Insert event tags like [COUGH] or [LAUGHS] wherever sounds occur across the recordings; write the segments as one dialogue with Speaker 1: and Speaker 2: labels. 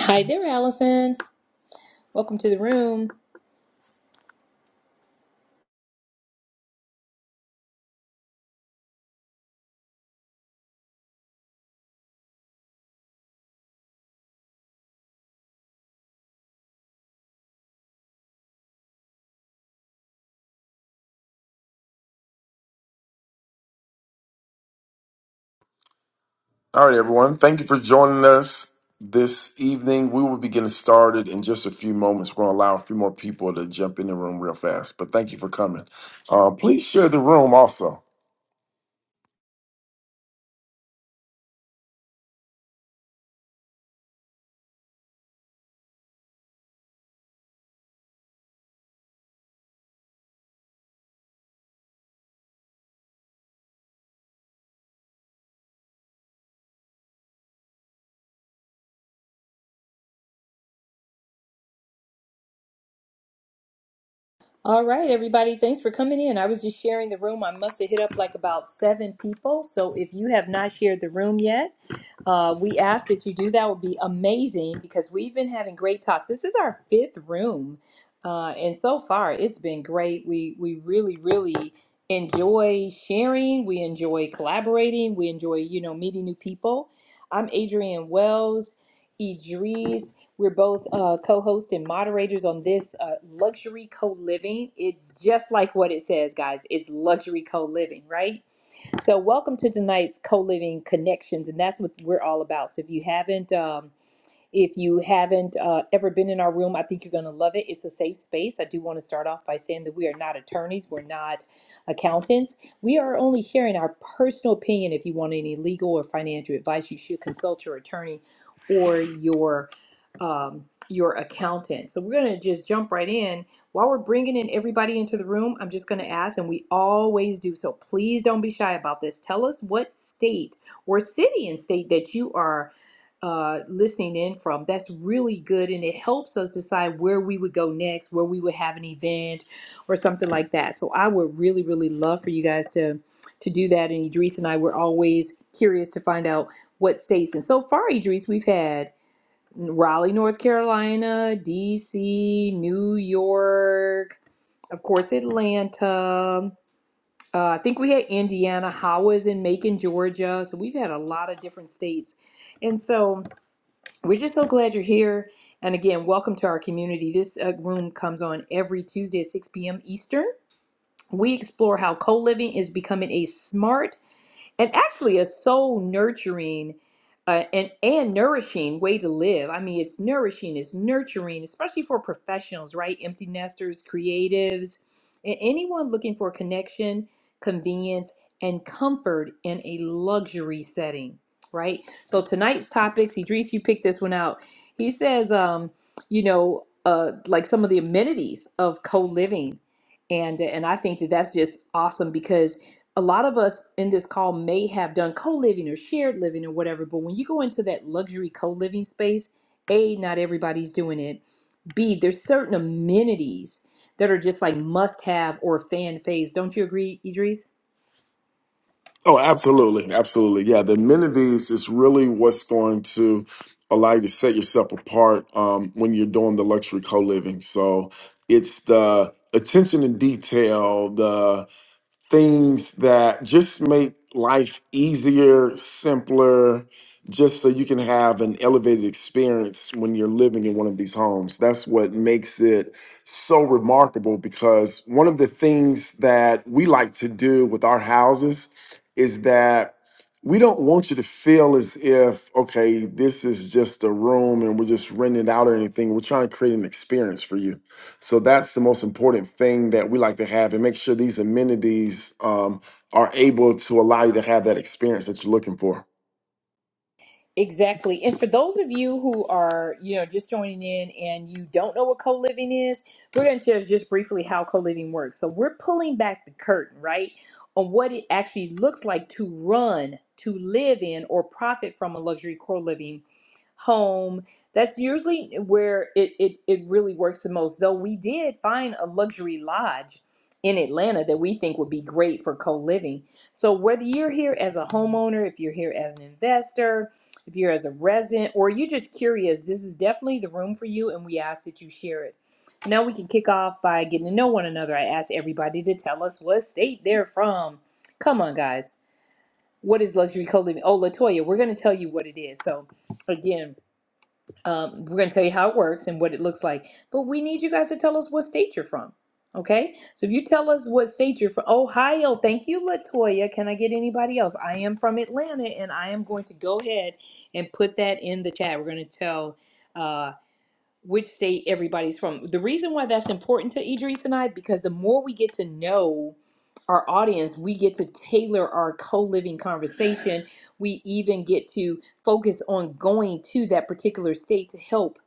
Speaker 1: Hi there, Allison. Welcome to the room.
Speaker 2: All right, everyone. Thank you for joining us this evening. We will be getting started in just a few moments. We're going to allow a few more people to jump in the room real fast, but thank you for coming. Uh, please share the room also.
Speaker 1: All right, everybody. Thanks for coming in. I was just sharing the room. I must have hit up like about seven people. So if you have not shared the room yet, uh, we ask that you do that would be amazing because we've been having great talks. This is our fifth room, uh, and so far it's been great. We we really really enjoy sharing. We enjoy collaborating. We enjoy you know meeting new people. I'm Adrienne Wells. Idris, we're both uh, co-hosts and moderators on this uh, luxury co-living. It's just like what it says, guys. It's luxury co-living, right? So, welcome to tonight's co living connections, and that's what we're all about. So, if you haven't um, if you haven't uh, ever been in our room, I think you're going to love it. It's a safe space. I do want to start off by saying that we are not attorneys, we're not accountants. We are only sharing our personal opinion. If you want any legal or financial advice, you should consult your attorney or your um, your accountant. So we're going to just jump right in. While we're bringing in everybody into the room, I'm just going to ask, and we always do so. Please don't be shy about this. Tell us what state or city and state that you are uh, listening in from. That's really good, and it helps us decide where we would go next, where we would have an event, or something like that. So I would really, really love for you guys to to do that. And Idris and I were always curious to find out what states. And so far, Idris, we've had Raleigh, North Carolina, D.C., New York, of course, Atlanta. Uh, I think we had Indiana. How was in Macon, Georgia? So we've had a lot of different states, and so we're just so glad you're here. And again, welcome to our community. This uh, room comes on every Tuesday at 6 p.m. Eastern. We explore how co living is becoming a smart and actually a soul nurturing uh, and and nourishing way to live. I mean, it's nourishing, it's nurturing, especially for professionals, right? Empty nesters, creatives, and anyone looking for connection, convenience, and comfort in a luxury setting, right? So tonight's topics, Idris, you picked this one out. He says, um, you know, uh, like some of the amenities of co-living. And, and I think that that's just awesome because a lot of us in this call may have done co-living or shared living or whatever but when you go into that luxury co-living space a not everybody's doing it b there's certain amenities that are just like must have or fan phase don't you agree idris
Speaker 2: Oh, absolutely. Absolutely. Yeah, the amenities is really what's going to allow you to set yourself apart um, when you're doing the luxury co living. So it's the attention to detail, the things that just make life easier, simpler, just so you can have an elevated experience when you're living in one of these homes. That's what makes it so remarkable because one of the things that we like to do with our houses is that we don't want you to feel as if, okay, this is just a room and we're just renting it out or anything. We're trying to create an experience for you. So that's the most important thing that we like to have and make sure these amenities um, are able to allow you to have that experience that you're looking for.
Speaker 1: Exactly. And for those of you who are, you know, just joining in and you don't know what co-living is, we're going to just just briefly how co-living works. So we're pulling back the curtain, right, on what it actually looks like to run, to live in or profit from a luxury co-living home. That's usually where it, it, it really works the most. Though we did find a luxury lodge in Atlanta that we think would be great for co living. So, whether you're here as a homeowner, if you're here as an investor, if you're as a resident, or you're just curious, this is definitely the room for you, and we ask that you share it. Now we can kick off by getting to know one another. I asked everybody to tell us what state they're from. Come on, guys. What is luxury co living? Oh, Latoya, we're going to tell you what it is. So, again, um, we're going to tell you how it works and what it looks like, but we need you guys to tell us what state you're from. Okay, so if you tell us what state you're from, Ohio. Thank you, Latoya. Can I get anybody else? I am from Atlanta, and I am going to go ahead and put that in the chat. We're going to tell. uh, which state everybody's from. The reason why that's important to Idris and I, because the more we get to know our audience, we get to tailor our co living conversation. We even get to focus on going to that particular state to help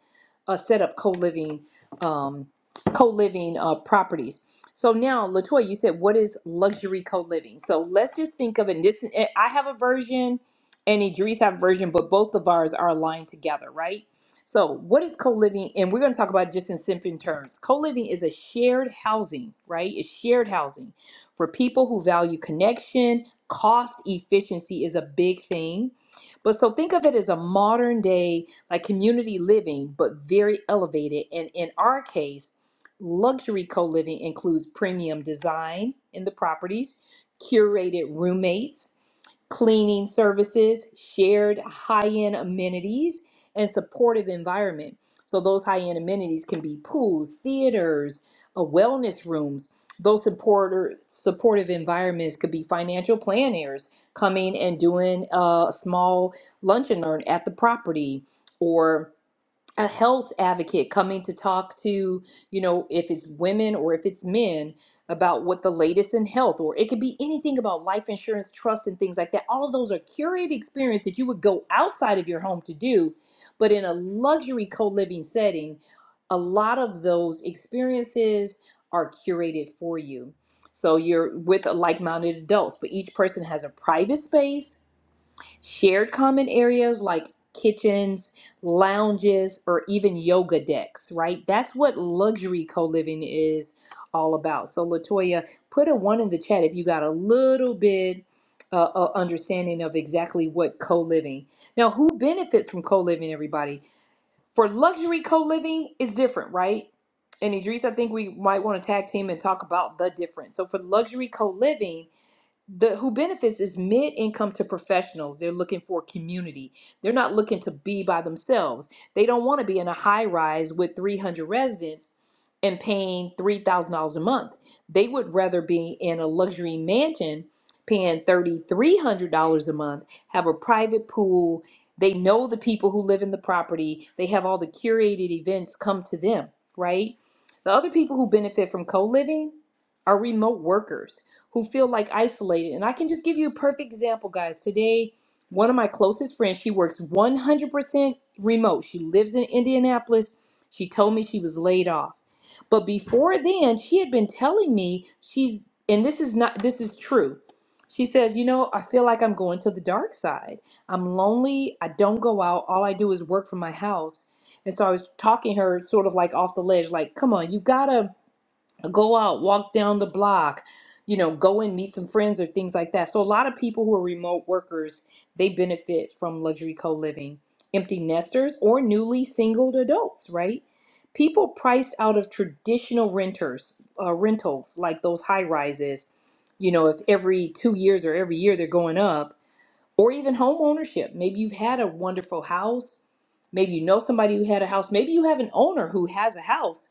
Speaker 1: uh, set up co-living um, co-living uh, properties. So now, Latoya, you said what is luxury co-living? So let's just think of it. And this eh, I have a version, and Idris have a version, but both of ours are aligned together, right? So what is co-living? And we're going to talk about it just in simple terms. Co-living is a shared housing, right? It's shared housing for people who value connection. Cost efficiency is a big thing. But so think of it as a modern day like community living, but very elevated. And in our case, luxury co living includes premium design in the properties, curated roommates, cleaning services, shared high end amenities, and supportive environment. So, those high end amenities can be pools, theaters, uh, wellness rooms. Those supporter, supportive environments could be financial planners coming and doing a small lunch and learn at the property for a health advocate coming to talk to, you know, if it's women or if it's men about what the latest in health, or it could be anything about life insurance, trust, and things like that. All of those are curated experience that you would go outside of your home to do, but in a luxury co-living setting, a lot of those experiences are curated for you. So you're with like-minded adults, but each person has a private space shared common areas like kitchens, lounges, or even yoga decks, right? That's what luxury co living is all about. So, Latoya, put a one in the chat if you got a little bit. Uh, uh, understanding of exactly what co-living now who benefits from co-living everybody for luxury co-living is different right and idris i think we might want to tag team and talk about the difference so for luxury co-living the who benefits is mid-income to professionals they're looking for community they're not looking to be by themselves they don't want to be in a high rise with 300 residents and paying $3000 a month they would rather be in a luxury mansion paying $3300 a month have a private pool they know the people who live in the property they have all the curated events come to them right the other people who benefit from co-living are remote workers who feel like isolated. And I can just give you a perfect example, guys. Today, one of my closest friends, she works 100% remote. She lives in Indianapolis. She told me she was laid off. But before then, she had been telling me she's, and this is not, this is true. She says, You know, I feel like I'm going to the dark side. I'm lonely. I don't go out. All I do is work from my house. And so I was talking to her sort of like off the ledge, like, Come on, you gotta go out, walk down the block, you know, go and meet some friends or things like that. So a lot of people who are remote workers, they benefit from luxury co-living. Empty nesters or newly singled adults, right? People priced out of traditional renters, uh, rentals like those high rises, you know, if every two years or every year they're going up, or even home ownership. Maybe you've had a wonderful house. Maybe you know somebody who had a house. Maybe you have an owner who has a house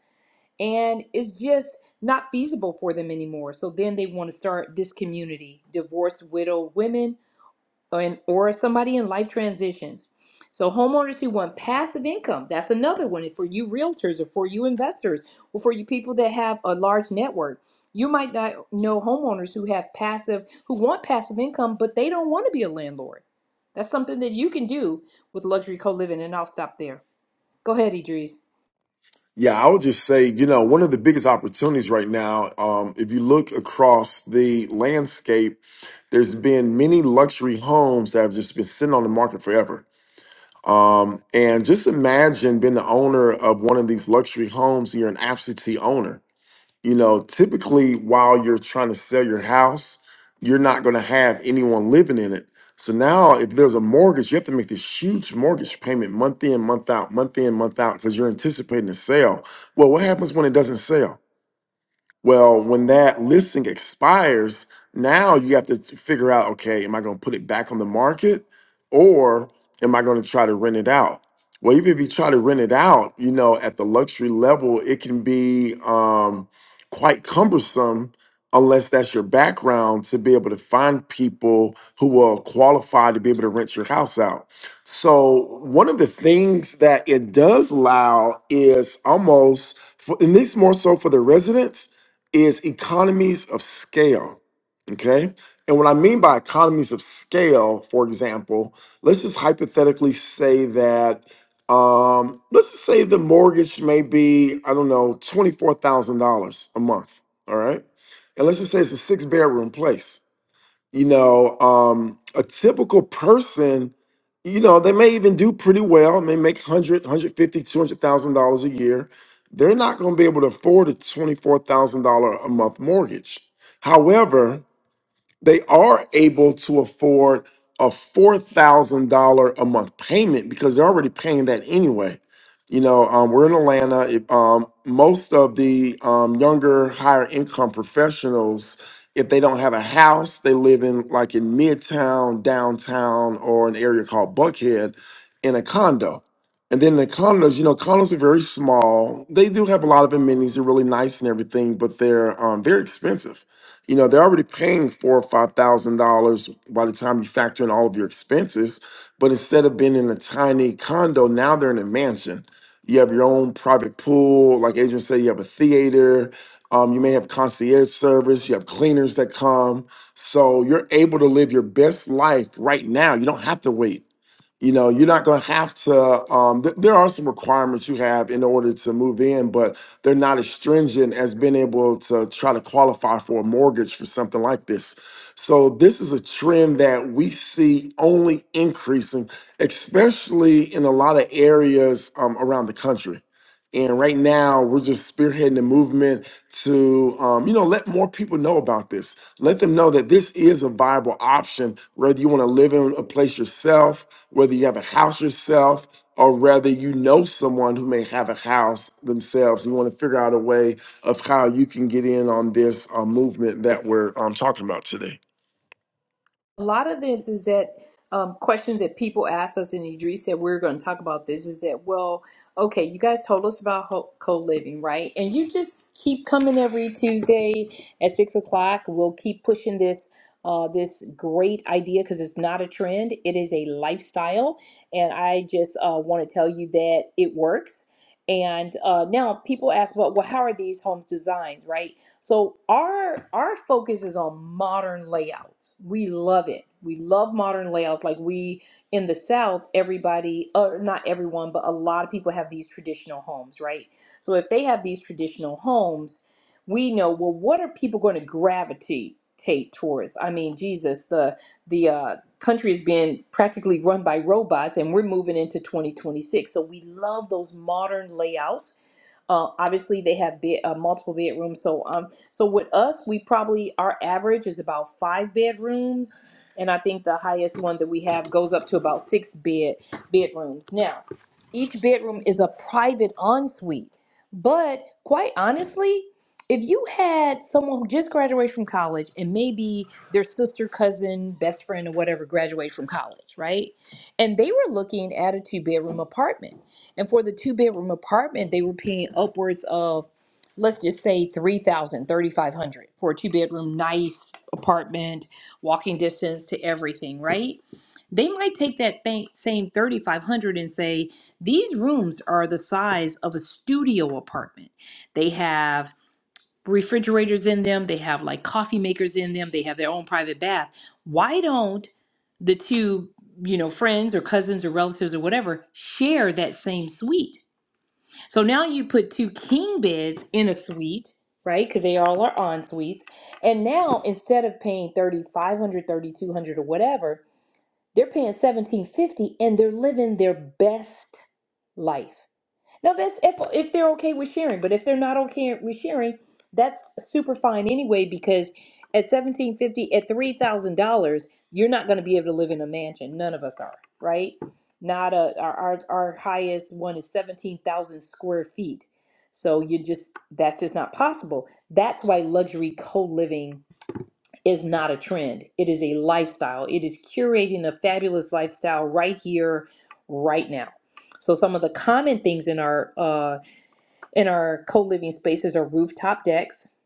Speaker 1: and it's just not feasible for them anymore. So then they want to start this community, divorced, widow women, or, in, or somebody in life transitions. So homeowners who want passive income, that's another one for you realtors or for you investors or for you people that have a large network. You might not know homeowners who have passive, who want passive income, but they don't want to be a landlord. That's something that you can do with luxury co-living, and I'll stop there. Go ahead, Idris.
Speaker 2: Yeah, I would just say, you know, one of the biggest opportunities right now, um, if you look across the landscape, there's been many luxury homes that have just been sitting on the market forever. Um, and just imagine being the owner of one of these luxury homes, you're an absentee owner. You know, typically while you're trying to sell your house, you're not going to have anyone living in it. So now, if there's a mortgage, you have to make this huge mortgage payment month in, month out, month in, month out, because you're anticipating a sale. Well, what happens when it doesn't sell? Well, when that listing expires, now you have to figure out okay, am I going to put it back on the market or am I going to try to rent it out? Well, even if you try to rent it out, you know, at the luxury level, it can be um, quite cumbersome unless that's your background to be able to find people who will qualify to be able to rent your house out. So, one of the things that it does allow is almost, for, and this more so for the residents is economies of scale. Okay. And what I mean by economies of scale, for example, let's just hypothetically say that, um, let's just say the mortgage may be, I don't know, $24,000 a month. All right. And let's just say it's a six bedroom place you know um a typical person you know they may even do pretty well and they make 100 dollars a year they're not going to be able to afford a $24000 a month mortgage however they are able to afford a $4,000 a month payment because they're already paying that anyway. You know, um, we're in Atlanta. If, um, most of the um, younger, higher income professionals, if they don't have a house, they live in like in Midtown, downtown, or an area called Buckhead in a condo. And then the condos, you know, condos are very small. They do have a lot of amenities, they're really nice and everything, but they're um, very expensive you know they're already paying four or five thousand dollars by the time you factor in all of your expenses but instead of being in a tiny condo now they're in a mansion you have your own private pool like adrian said you have a theater um, you may have concierge service you have cleaners that come so you're able to live your best life right now you don't have to wait you know you're not going to have to um, th- there are some requirements you have in order to move in but they're not as stringent as being able to try to qualify for a mortgage for something like this so this is a trend that we see only increasing especially in a lot of areas um, around the country and right now, we're just spearheading the movement to, um, you know, let more people know about this. Let them know that this is a viable option, whether you want to live in a place yourself whether you have a house yourself or whether you know someone who may have a house themselves. You want to figure out a way of how you can get in on this uh, movement that we're um, talking about today.
Speaker 1: a lot of this is that um, questions that people ask us, and Idris said we are going to talk about this, is that, well, okay, you guys told us about ho- co-living, right? And you just keep coming every Tuesday at 6 o'clock. We'll keep pushing this uh, this great idea because it's not a trend. It is a lifestyle. And I just uh, want to tell you that it works. And uh, now people ask, well, well, how are these homes designed, right? So our our focus is on modern layouts. We love it. We love modern layouts. Like we in the South, everybody, or not everyone, but a lot of people have these traditional homes, right? So if they have these traditional homes, we know well what are people going to gravitate towards? I mean, Jesus, the the uh, country is being practically run by robots, and we're moving into 2026. So we love those modern layouts uh, obviously, they have bed, uh, multiple bedrooms. So, um, so with us, we probably our average is about five bedrooms, and I think the highest one that we have goes up to about six bed bedrooms. Now, each bedroom is a private ensuite. But quite honestly, if you had someone who just graduated from college and maybe their sister, cousin, best friend, or whatever graduated from college, right? And they were looking at a two bedroom apartment. And for the two bedroom apartment, they were paying upwards of, let's just say, three thousand, thirty-five hundred for a two bedroom, nice apartment, walking distance to everything, right? they might take that thing, same 3500 and say these rooms are the size of a studio apartment they have refrigerators in them they have like coffee makers in them they have their own private bath why don't the two you know friends or cousins or relatives or whatever share that same suite so now you put two king beds in a suite right because they all are en suites and now instead of paying thirty five hundred, thirty two hundred, or whatever they're paying seventeen fifty, and they're living their best life. Now, that's if if they're okay with sharing, but if they're not okay with sharing, that's super fine anyway. Because at seventeen fifty, at three thousand dollars, you're not going to be able to live in a mansion. None of us are, right? Not a our our, our highest one is seventeen thousand square feet. So you just that's just not possible. That's why luxury co living is not a trend. It is a lifestyle. It is curating a fabulous lifestyle right here, right now. So some of the common things in our uh, in our co-living spaces are rooftop decks,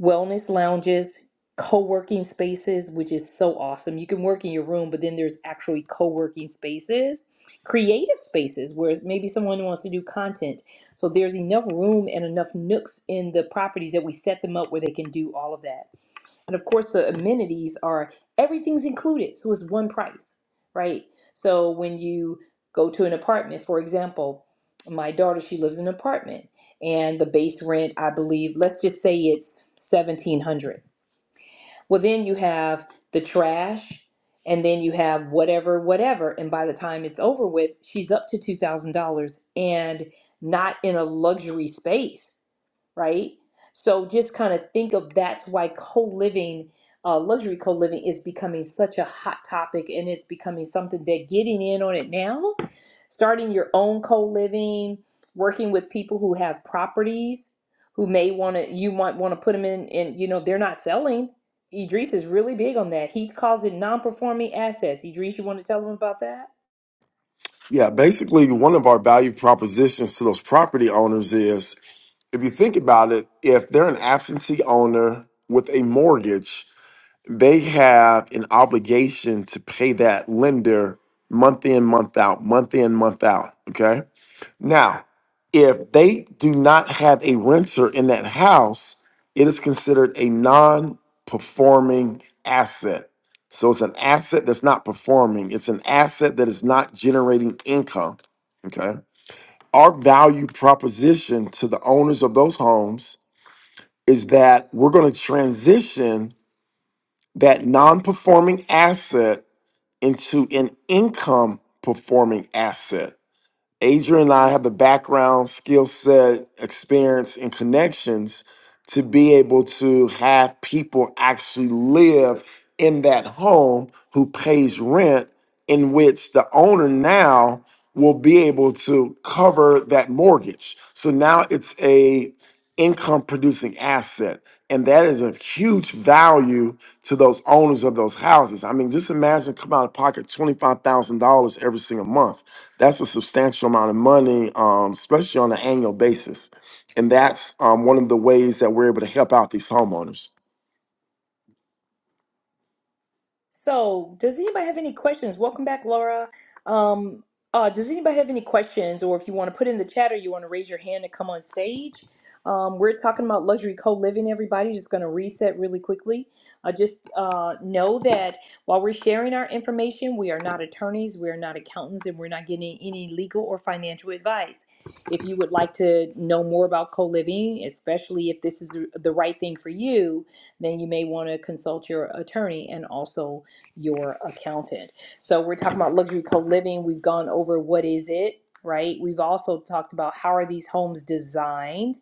Speaker 1: wellness lounges, co-working spaces, which is so awesome. You can work in your room, but then there's actually co-working spaces, creative spaces where maybe someone wants to do content. So there's enough room and enough nooks in the properties that we set them up where they can do all of that and of course the amenities are everything's included so it's one price right so when you go to an apartment for example my daughter she lives in an apartment and the base rent i believe let's just say it's 1700 well then you have the trash and then you have whatever whatever and by the time it's over with she's up to $2000 and not in a luxury space right? So just kind of think of that's why co-living, uh, luxury co-living is becoming such a hot topic and it's becoming something that getting in on it now, starting your own co-living, working with people who have properties who may want to, you might want to put them in and, you know, they're not selling. Idris is really big on that. He calls it non-performing assets. Idris, you want to tell them about that?
Speaker 2: Yeah, basically, one of our value propositions to those property owners is if you think about it, if they're an absentee owner with a mortgage, they have an obligation to pay that lender month in, month out, month in, month out. Okay. Now, if they do not have a renter in that house, it is considered a non performing asset. So it's an asset that's not performing, it's an asset that is not generating income. Okay. Our value proposition to the owners of those homes is that we're going to transition that non performing asset into an income performing asset. Adrian and I have the background, skill set, experience, and connections to be able to have people actually live in that home who pays rent, in which the owner now will be able to cover that mortgage. So now it's a income producing asset. And that is a huge value to those owners of those houses. I mean, just imagine coming out of pocket $25,000 every single month. That's a substantial amount of money, um, especially on an annual basis. And that's um, one of the ways that we're able to help out these homeowners.
Speaker 1: So, does anybody have any questions? Welcome back, Laura. Um, uh, does anybody have any questions, or if you want to put in the chat, or you want to raise your hand and come on stage? Um, we're talking about luxury co-living. Everybody, just going to reset really quickly. Uh, just uh, know that while we're sharing our information, we are not attorneys, we are not accountants, and we're not getting any legal or financial advice. If you would like to know more about co-living, especially if this is the the right thing for you, then you may want to consult your attorney and also your accountant. So we're talking about luxury co-living. We've gone over what is it, right? We've also talked about how are these homes designed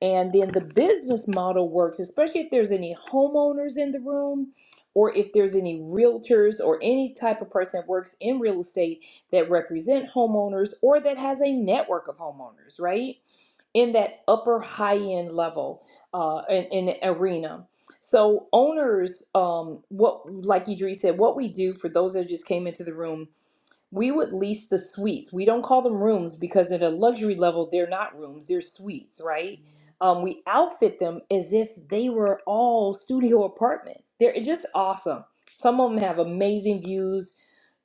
Speaker 1: and then the business model works, especially if there's any homeowners in the room or if there's any realtors or any type of person that works in real estate that represent homeowners or that has a network of homeowners, right? In that upper high end level uh, in, in the arena. So owners, um, what like Idris said, what we do for those that just came into the room we would lease the suites. We don't call them rooms because at a luxury level, they're not rooms, they're suites, right? Um, we outfit them as if they were all studio apartments. They're just awesome. Some of them have amazing views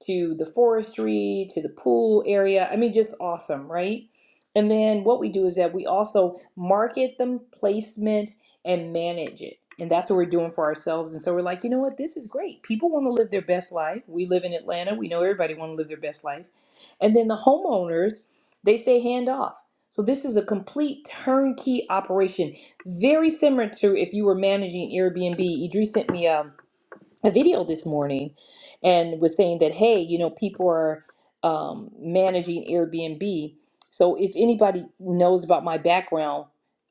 Speaker 1: to the forestry, to the pool area. I mean, just awesome, right? And then what we do is that we also market them placement and manage it. And that's what we're doing for ourselves. And so we're like, you know what? This is great. People want to live their best life. We live in Atlanta. We know everybody want to live their best life. And then the homeowners, they stay hand off. So this is a complete turnkey operation, very similar to if you were managing Airbnb. Idris sent me a a video this morning and was saying that hey you know people are um, managing airbnb so if anybody knows about my background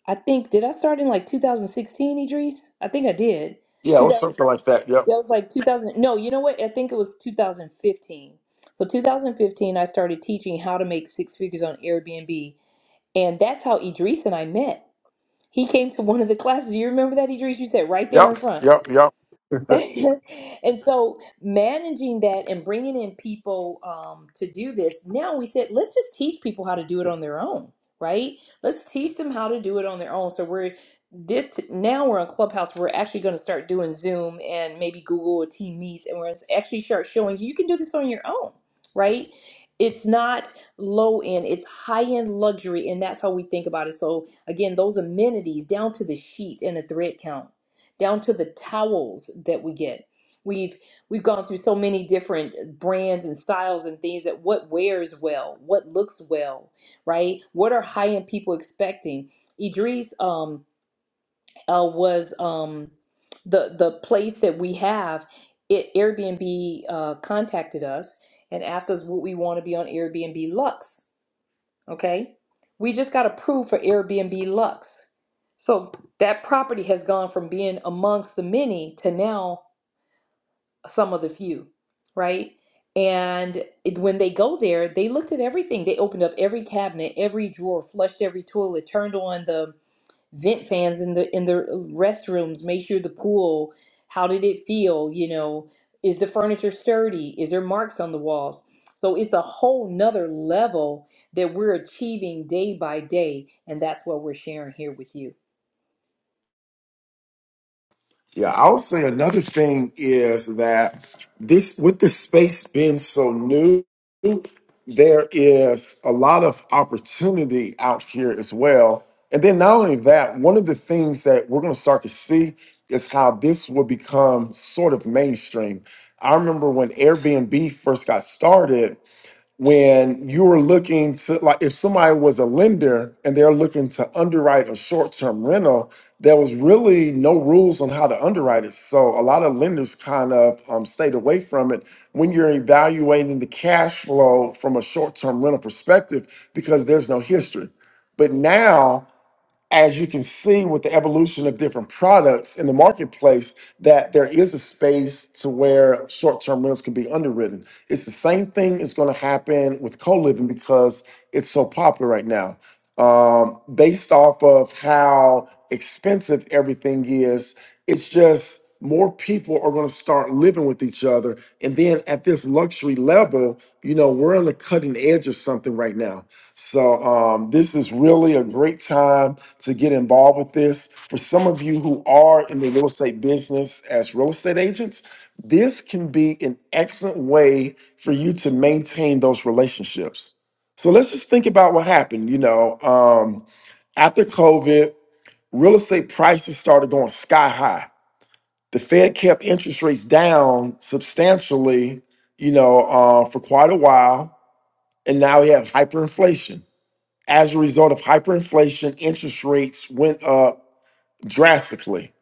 Speaker 1: i think did i start in like 2016 idris i think i did
Speaker 2: Yeah, or
Speaker 1: 2000 that
Speaker 2: something like that. Yep.
Speaker 1: was like 2000 no you know what i think it was 2015 so 2015 i started teaching how to make six figures on airbnb and that's how idris and i met he came to one of the classes you remember that idris you said right there
Speaker 2: Yep.
Speaker 1: in front
Speaker 2: Yep. Yep.
Speaker 1: [LAUGHS] and so managing that and bringing in people um, to do this now we said let's just teach people how to do it on their own right let's teach them how to do it on their own so we're this t- now we're on clubhouse we're actually going to start doing zoom and maybe google or team meets and we're gonna actually start showing you you can do this on your own right it's not low end it's high end luxury and that's how we think about it so again those amenities down to the sheet and the thread count down to the towels that we get. We've we've gone through so many different brands and styles and things that what wears well, what looks well, right? What are high end people expecting? Idris um, uh, was um, the the place that we have. It Airbnb uh, contacted us and asked us what we want to be on Airbnb Lux, Okay. We just got approved for Airbnb Lux. So that property has gone from being amongst the many to now some of the few, right? And it, when they go there, they looked at everything. They opened up every cabinet, every drawer, flushed every toilet, turned on the vent fans in the in the restrooms measure the pool how did it feel you know is the furniture sturdy is there marks on the walls so it's a whole nother level that we're achieving day by day and that's what we're sharing here with you
Speaker 2: Yeah, I'll say another thing is that this with the space being so new, there is a lot of opportunity out here as well. And then not only that, one of the things that we're going to start to see is how this will become sort of mainstream. I remember when Airbnb first got started, when you were looking to like if somebody was a lender and they're looking to underwrite a short-term rental there was really no rules on how to underwrite it so a lot of lenders kind of um, stayed away from it when you're evaluating the cash flow from a short-term rental perspective because there's no history but now as you can see with the evolution of different products in the marketplace, that there is a space to where short-term rentals can be underwritten. It's the same thing is going to happen with co-living because it's so popular right now. Um, based off of how expensive everything is, it's just more people are going to start living with each other. And then at this luxury level, you know, we're on the cutting edge of something right now. So um, this is really a great time to get involved with this. For some of you who are in the real estate business as real estate agents, this can be an excellent way for you to maintain those relationships. So let's just think about what happened. You know, um, after COVID, real estate prices started going sky high. The Fed kept interest rates down substantially, you know, uh, for quite a while, and now we have hyperinflation as a result of hyperinflation, interest rates went up drastically.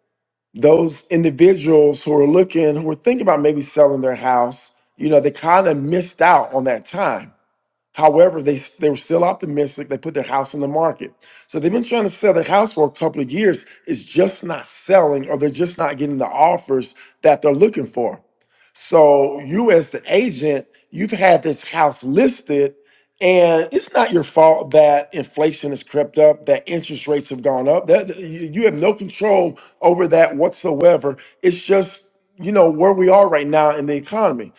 Speaker 2: Those individuals who are looking, who are thinking about maybe selling their house, you know, they kind of missed out on that time. However, they they were still optimistic. They put their house on the market, so they've been trying to sell their house for a couple of years. It's just not selling, or they're just not getting the offers that they're looking for. So you, as the agent, you've had this house listed, and it's not your fault that inflation has crept up, that interest rates have gone up. That you you have no control over that whatsoever. It's just you know where we are right now in the economy.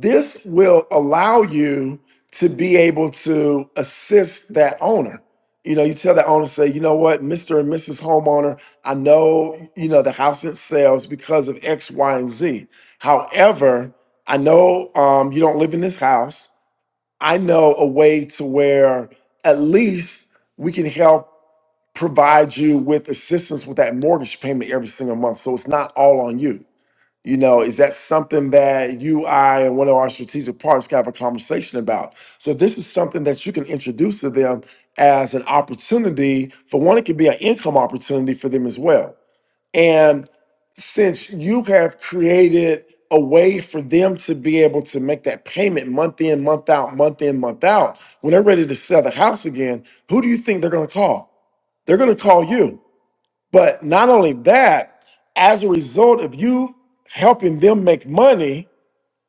Speaker 2: This will allow you to be able to assist that owner. You know, you tell that owner, say, you know what, Mr. and Mrs. Homeowner, I know, you know, the house it sells because of X, Y, and Z. However, I know um, you don't live in this house. I know a way to where at least we can help provide you with assistance with that mortgage payment every single month. So it's not all on you. You know, is that something that you, I, and one of our strategic partners can have a conversation about? So this is something that you can introduce to them as an opportunity. For one, it could be an income opportunity for them as well. And since you have created a way for them to be able to make that payment month in, month out, month in, month out, when they're ready to sell the house again, who do you think they're going to call? They're going to call you but not only that, as a result of you helping them make money,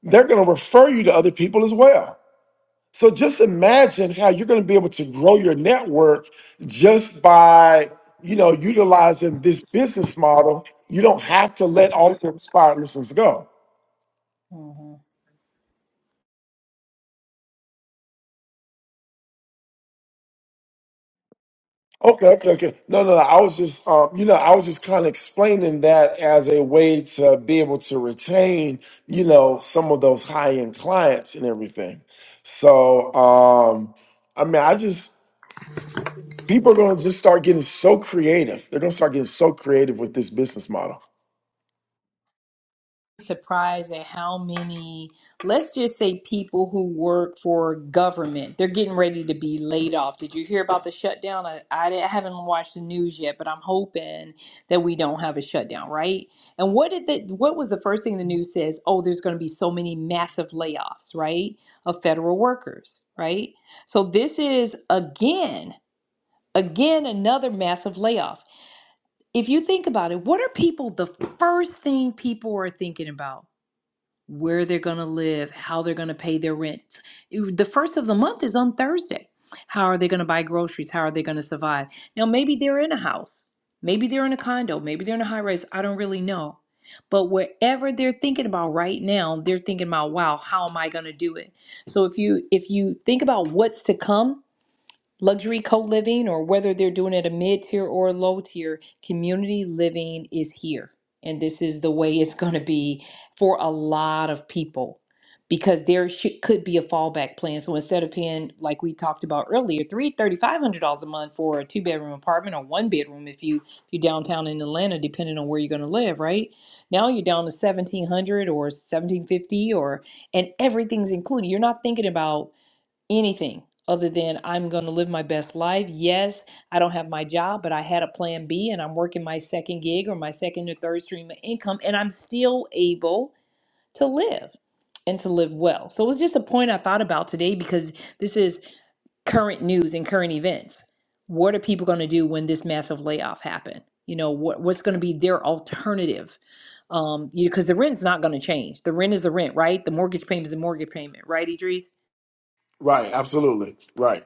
Speaker 2: they're going to refer you to other people as well. So just imagine how you're going to be able to grow your network just by, you know, utilizing this business model. You don't have to let all of your inspired listeners go. Okay, okay, okay. No, no, no. I was just, um, you know, I was just kind of explaining that as a way to be able to retain, you know, some of those high end clients and everything. So, um, I mean, I just, people are going to just start getting so creative. They're going to start getting so creative with this business model.
Speaker 1: surprised at how many, let's just say people who work for government, they're getting ready to be laid off. Did you hear about the shutdown? I, I di- I haven't watched the news yet, but I'm hoping that we don't have a shutdown, right? And what did the, what was the first thing the news says? Oh, there's going to be so many massive layoffs, right? Of federal workers, right? So this is again, again, another massive layoff. If you think about it, what are people the first thing people are thinking about? where they're going to live, how they're going to pay their rent. You- The first of the month is on Thursday. How are they going to buy groceries? How are they going to survive? Now, maybe they're in a house, maybe they're in a condo, maybe they're in a high rise. I don't really know. But whatever they're thinking about right now, they're thinking about, wow, how am I going to do it? So if you if you think about what's to come, luxury co-living or whether they're doing it a mid-tier or a low tier community living is here and this is the way it's going to be for a lot of people because there should, could be a fallback plan so instead of paying like we talked about earlier three thirty five hundred dollars a month for a two bedroom apartment or one bedroom if you you're downtown in atlanta depending on where you're going to live right now you're down to 1700 or 1750 or and everything's included you're not thinking about anything other than I'm going to live my best life. Yes, I don't have my job, but I had a plan B and I'm working my second gig or my second or third stream of income, and I'm still able to live and to live well. So it was just a point I thought about today because this is current news and current events. What are people going to do when this massive layoff happened? You know, what, what's going to be their alternative? Um, because the rent's not going to change. The rent is the rent, right? The mortgage payment is the mortgage payment, right, Idris?
Speaker 2: Right. Absolutely. Right.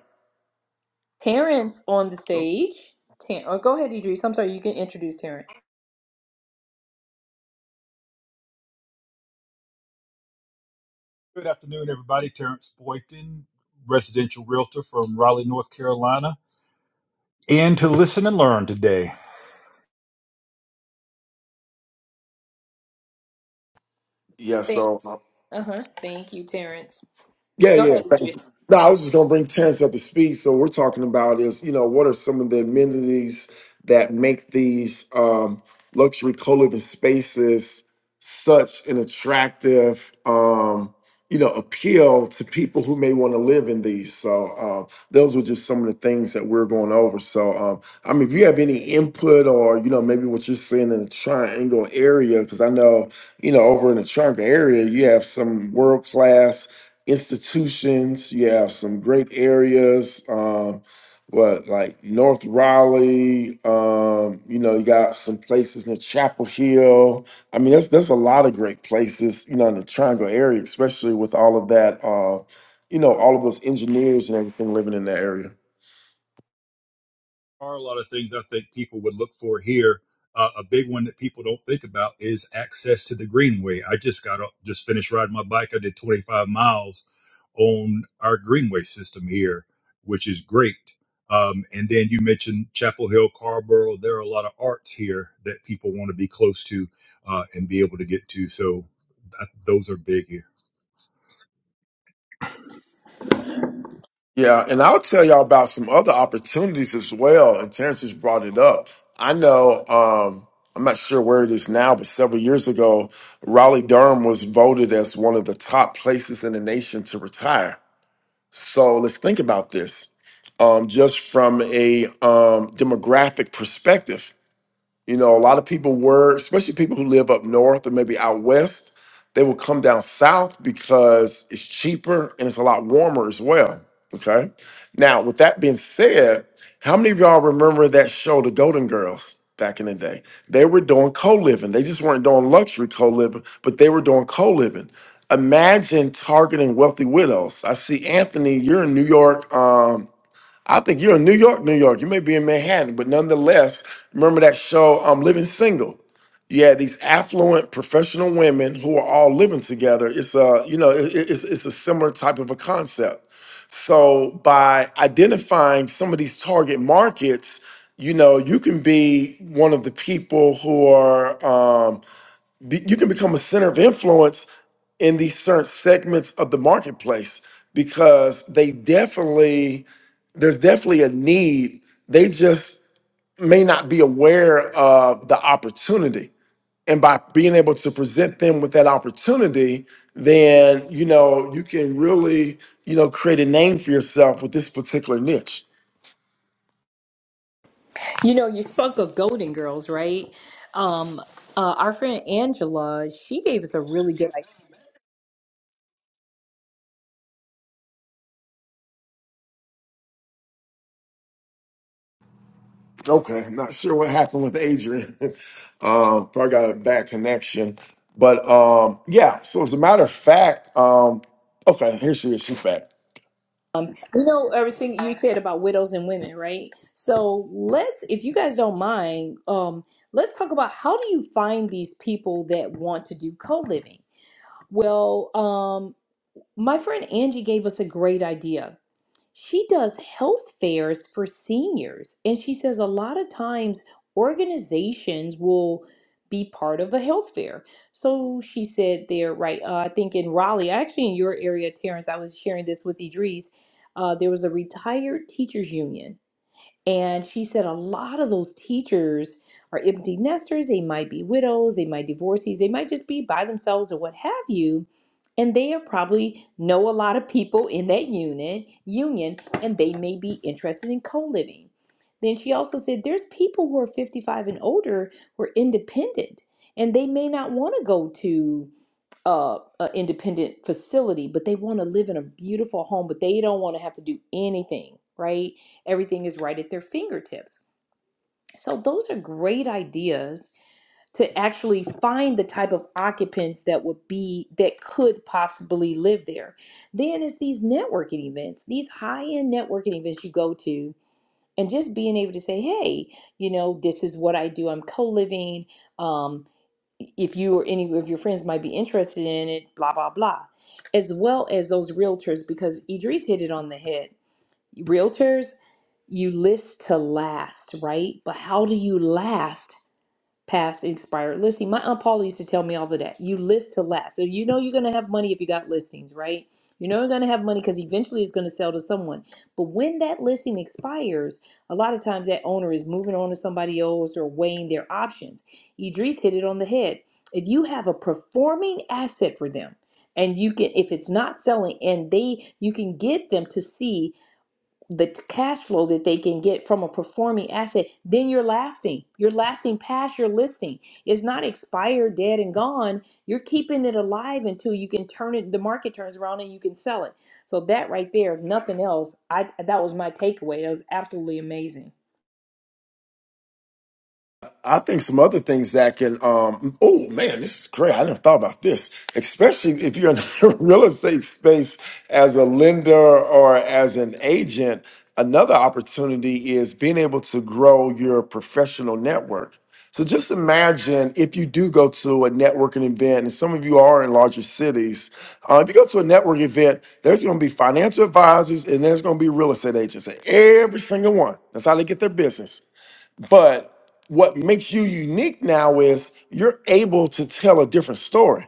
Speaker 1: Terrence on the
Speaker 2: Oh,
Speaker 1: stage. Ter- oh, go ahead, Idris. I'm sorry, you can introduce Terrence.
Speaker 3: Good afternoon, everybody. Terrence Boykin, residential realtor from Raleigh, North Carolina, and to listen and learn today.
Speaker 2: Yeah,
Speaker 1: Thank-
Speaker 2: so
Speaker 1: uh-huh. Thank you, Terrence.
Speaker 2: Yeah,
Speaker 1: Go
Speaker 2: yeah.
Speaker 1: ahead,
Speaker 2: Thank you.
Speaker 1: Idris.
Speaker 2: No, I was just going to bring Terrence up to speed. So we're talking about is you know what are some of the amenities that make these um, luxury co-living spaces such an attractive um, you know appeal to people who may want to live in these. So um, those were just some of the things that we are going over. So um, I mean, if you have any input or you know maybe what you're seeing in the triangle area, because I know you know over in the triangle area you have some world class institutions. You have some great areas. Um, what like North Raleigh? Um, you know, you got some places in Chapel Hill. I mean, that's that's a lot of great places. You know, in the Triangle area, especially with all of that. Uh, you know, all of us engineers and everything living in that area.
Speaker 3: are a lot of things I think people would look for here. Uh, a big one that people don't think about is access to the greenway. I just got up, just finished riding my bike. I did 25 miles on our greenway system here, which is great. Um, and then you mentioned Chapel Hill, Carborough. There are a lot of arts here that people want to be close to uh, and be able to get to. So that, those are big here.
Speaker 2: Yeah, and I'll tell y'all about some other opportunities as well. And Terrence just brought it up. I know, um, I'm not sure where it is now, but several years ago, Raleigh Durham was voted as one of the top places in the nation to retire. So let's think about this um, just from a um, demographic perspective. You know, a lot of people were, especially people who live up north or maybe out west, they will come down south because it's cheaper and it's a lot warmer as well. Okay. Now, with that being said, how many of y'all remember that show, The Golden Girls, back in the day? They were doing co living. They just weren't doing luxury co living, but they were doing co living. Imagine targeting wealthy widows. I see Anthony, you're in New York. Um, I think you're in New York, New York. You may be in Manhattan, but nonetheless, remember that show, um, Living Single. You had these affluent professional women who are all living together. It's a, you know, it- it's, it's a similar type of a concept. So by identifying some of these target markets, you know, you can be one of the people who are, um, be, you can become a center of influence in these certain segments of the marketplace because they definitely there's definitely a need. They just may not be aware of the opportunity. And by being able to present them with that opportunity, then you know you can really you know create a name for yourself with this particular niche.
Speaker 1: You know, you spoke of Golden Girls, right? Um, uh, our friend Angela, she gave us a really good idea.
Speaker 2: Okay, I'm not sure what happened with Adrian. [LAUGHS] um, probably got a bad connection, but um, yeah. So as a matter of fact, um, okay, here she is. She's back.
Speaker 1: Um, you know, everything you said about widows and women, right? So let's, if you guys don't mind, um, let's talk about how do you find these people that want to do co-living? Well, um, my friend Angie gave us a great idea she does health fairs for seniors. And she says a lot of times organizations will be part of a health fair. So she said there, right? Uh, I think in Raleigh, actually in your area, Terrence, I was sharing this with Idris. Uh, there was a retired teachers union and she said a lot of those teachers are empty nesters. They might be widows, they might divorcees, they might just be by themselves or what have you. And they are probably know a lot of people in that unit union, and they may be interested in co-living. Then she also said there's people who are 55 and older who are independent, and they may not want to go to uh, a independent facility, but they want to live in a beautiful home, but they don't want to have to do anything, right? Everything is right at their fingertips. So those are great ideas to actually find the type of occupants that would be that could possibly live there. Then it's these networking events, these high-end networking events you go to and just being able to say, "Hey, you know, this is what I do. I'm co-living. Um, if you or any of your friends might be interested in it, blah, blah, blah, as well as those realtors, because Idris hit it on the head. Realtors, you list to last, right? But how do you last past expired listing. My aunt Paula used to tell me all of that. You list to last. So you know you're going to have money if you got listings, right? You know you're going to have money because eventually it's going to sell to someone. But when that listing expires, a lot of times that owner is moving on to somebody else or weighing their options. Idris hit it on the head. If you have a performing asset for them, and you can if it's not selling and they you can get them to see the cash flow that they can get from a performing asset, then you're lasting. You're lasting past your listing. It's not expired, dead, and gone. You're keeping it alive until you can turn it, the market turns around and you can sell it. So that right there, if nothing else, I that was my takeaway. That was absolutely amazing.
Speaker 2: I think some other things that can, um, oh man, this is great. I never thought about this, especially if you're in [LAUGHS] the real estate space as a lender or as an agent. Another opportunity is being able to grow your professional network. So just imagine if you do go to a networking event, and some of you are in larger cities. uh, if you go to a network event, there's going to be financial advisors and there's going to be real estate agents, and every single one. That's how they get their business. But what makes you unique now is you're able to tell a different story.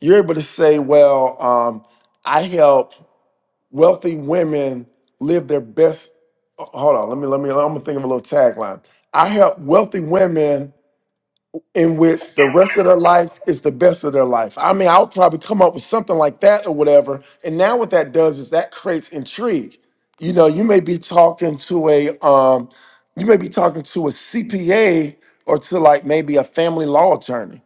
Speaker 2: You're able to say, well, um, I help wealthy women live their best. oh, Hold on, let me, let me, I'm gonna think of a little tagline. I help wealthy women in which the rest of their life is the best of their life. I mean, I'll probably come up with something like that or whatever. And now what that does is that creates intrigue. You know, you may be talking to a um, you may be talking to a CPA or to like maybe a family law attorney.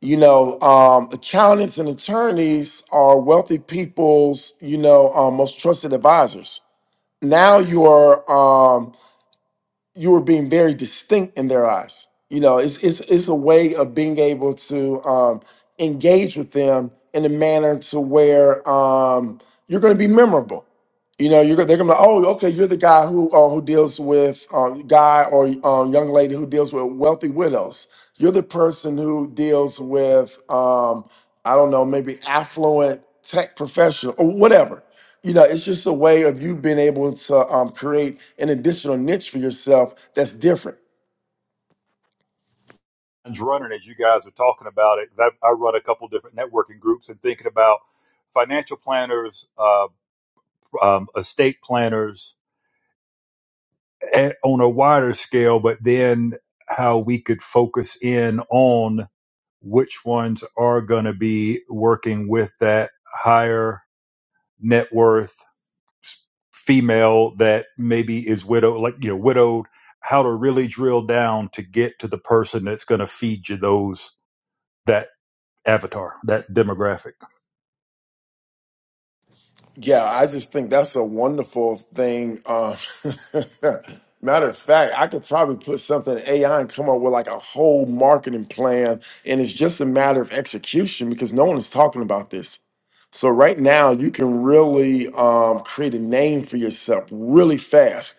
Speaker 2: You know, um, accountants and attorneys are wealthy people's, you know, um, most trusted advisors. Now you are you were being very distinct in their eyes. You know, it's it's it's a way of being able to um, engage with them in a manner to where um, you're going to be memorable. You know, you're go- they're going to oh okay, you're the guy who uh, who deals with um, guy or um, young lady who deals with wealthy widows. You're the person who deals with um, I don't know maybe affluent tech professional or whatever you know, it's just a way of you being able to um, create an additional niche for yourself that's different.
Speaker 3: It's running as you guys are talking about it. 'cause I, I run a couple different networking groups and thinking about financial planners. um, um, estate planners at, on a wider scale, but then how we could focus in on which ones are going to be working with that higher net worth s- female that maybe is widowed, like, you know, widowed, how to really drill down to get to the person that's going to feed you those, that avatar, that demographic.
Speaker 2: Yeah, I just think that's a wonderful thing. Um, [LAUGHS] matter of fact, I could probably put something in AI and come up with like a whole marketing plan, and it's just a matter of execution because no one is talking about this. So right now, you can really um, create a name for yourself really fast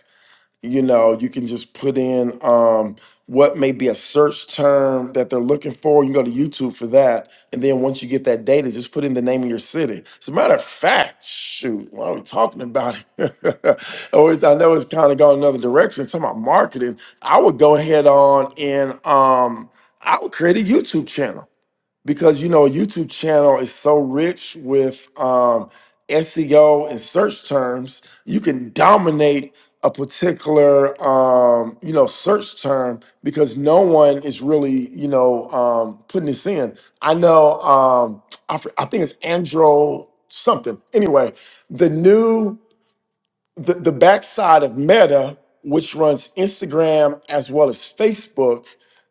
Speaker 2: you know you can just put in um, what may be a search term that they're looking for you can go to youtube for that and then once you get that data just put in the name of your city as a matter of fact shoot why are we talking about it [LAUGHS] always i know it's kind of gone another direction talking about marketing i would go ahead on and um, i would create a youtube channel because you know YouTube channel is so rich with um, SEO and search terms. You can dominate a particular um, you know search term because no one is really you know um, putting this in. I know um, I, fr- I think it's Andro something. Anyway, the new the, the backside of Meta, which runs Instagram as well as Facebook,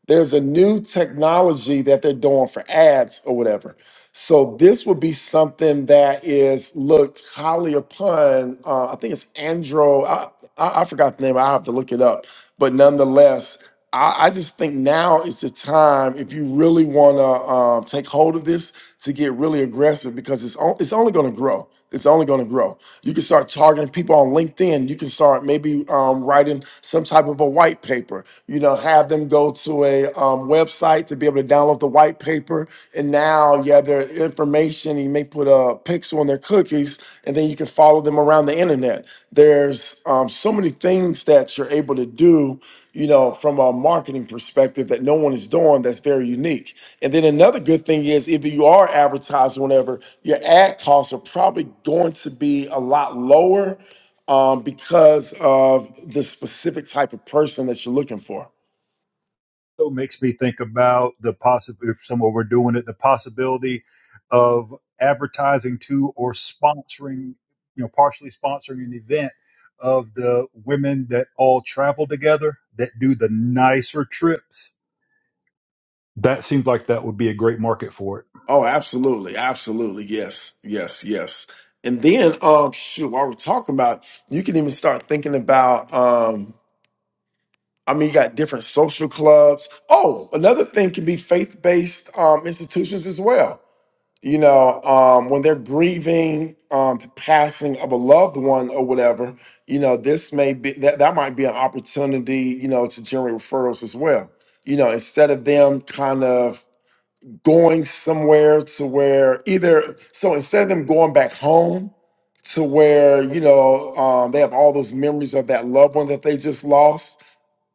Speaker 2: there's a new technology that they're doing for ads or whatever. So this would be something that is looked highly upon. Uh, I think it's Andro. I, I, I forgot the name. I have to look it up. But nonetheless, I, I just think now is the time if you really want to um, take hold of this to get really aggressive because it's on, it's only going to grow. It's only going to grow. You can start targeting people on LinkedIn. You can start maybe um, writing some type of a white paper. You know, have them go to a um, website to be able to download the white paper, and now now you have their information. You may put a pixel on their cookies, and then you can follow them around the internet. There's um, so many things that you're able to do, you know, from a marketing perspective that no one is doing. That's very unique. And then another good thing is if you are advertising, whatever, your ad costs are probably going to be a lot lower um, because of the specific type of person that you're looking for.
Speaker 3: also makes me think about the possibility, if someone were doing it, the possibility of advertising to or sponsoring, you know, partially sponsoring an event of the women that all travel together that do the nicer trips. That seems like that would be a great market for it.
Speaker 2: Oh, absolutely, absolutely, yes, yes, yes. And then, um, shoot, while we're talking about, you can even start thinking about. Um, I mean, you got different social clubs. Oh, another thing can be faith-based um, institutions as well. You know, um, when they're grieving um, the passing of a loved one or whatever, you know, this may be that that might be an opportunity, you know, to generate referrals as well. You know, instead of them kind of going somewhere to where either so instead of them going back home to where you know um, they have all those memories of that loved one that they just lost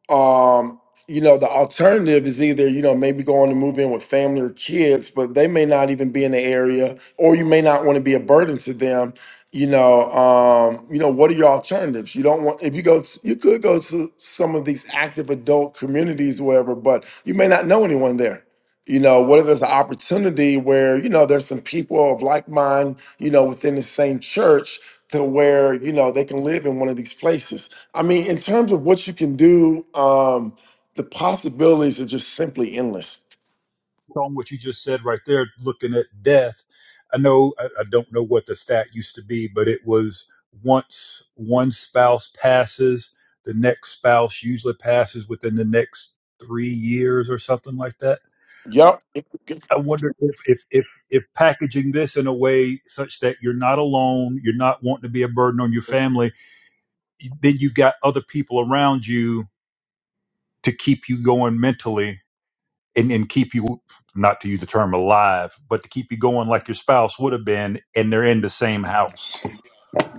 Speaker 2: um you know the alternative is either you know maybe going to move in with family or kids but they may not even be in the area or you may not want to be a burden to them you know um you know what are your alternatives you don't want if you go to, you could go to some of these active adult communities wherever but you may not know anyone there you know what if there's an opportunity where you know there's some people of like mind you know within the same church to where you know they can live in one of these places. I mean, in terms of what you can do, um, the possibilities are just simply endless.
Speaker 3: on what you just said right there, looking at death, I know I, I don't know what the stat used to be, but it was once one spouse passes, the next spouse usually passes within the next three years or something like that.
Speaker 2: Yep.
Speaker 3: I wonder if if if, if packaging this in a way such that you're not alone, you're not wanting to be a burden on your family, then you've got other people around you to keep you going mentally and, and keep you not to use the term alive, but to keep you going like your spouse would have been, and they're in the same house.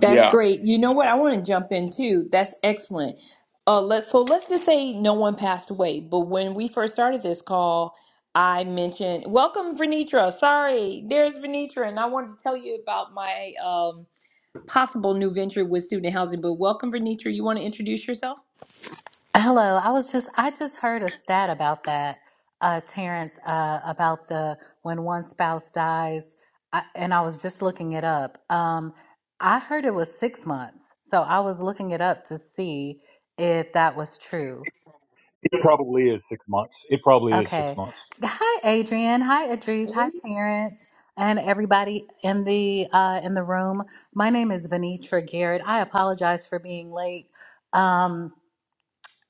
Speaker 1: That's great. You know what? I want to jump in too. That's excellent. Uh, let's so let's just say no one passed away. But when we first started this call, I mentioned welcome Venitra. Sorry, there's Venitra, and I wanted to tell you about my um, possible new venture with student housing. But welcome Venitra. You want to introduce yourself?
Speaker 4: Hello. I was just I just heard a stat about that, uh, Terrence, uh, about the when one spouse dies, I, and I was just looking it up. Um, I heard it was six months, so I was looking it up to see if that was true.
Speaker 3: It probably is six months. It probably is six
Speaker 4: Okay.
Speaker 3: months.
Speaker 4: Hi, Adrian. Hi, Idris. Hi, Terrence, and everybody in the uh, in the room. My name is Venitra Garrett. I apologize for being late. Um,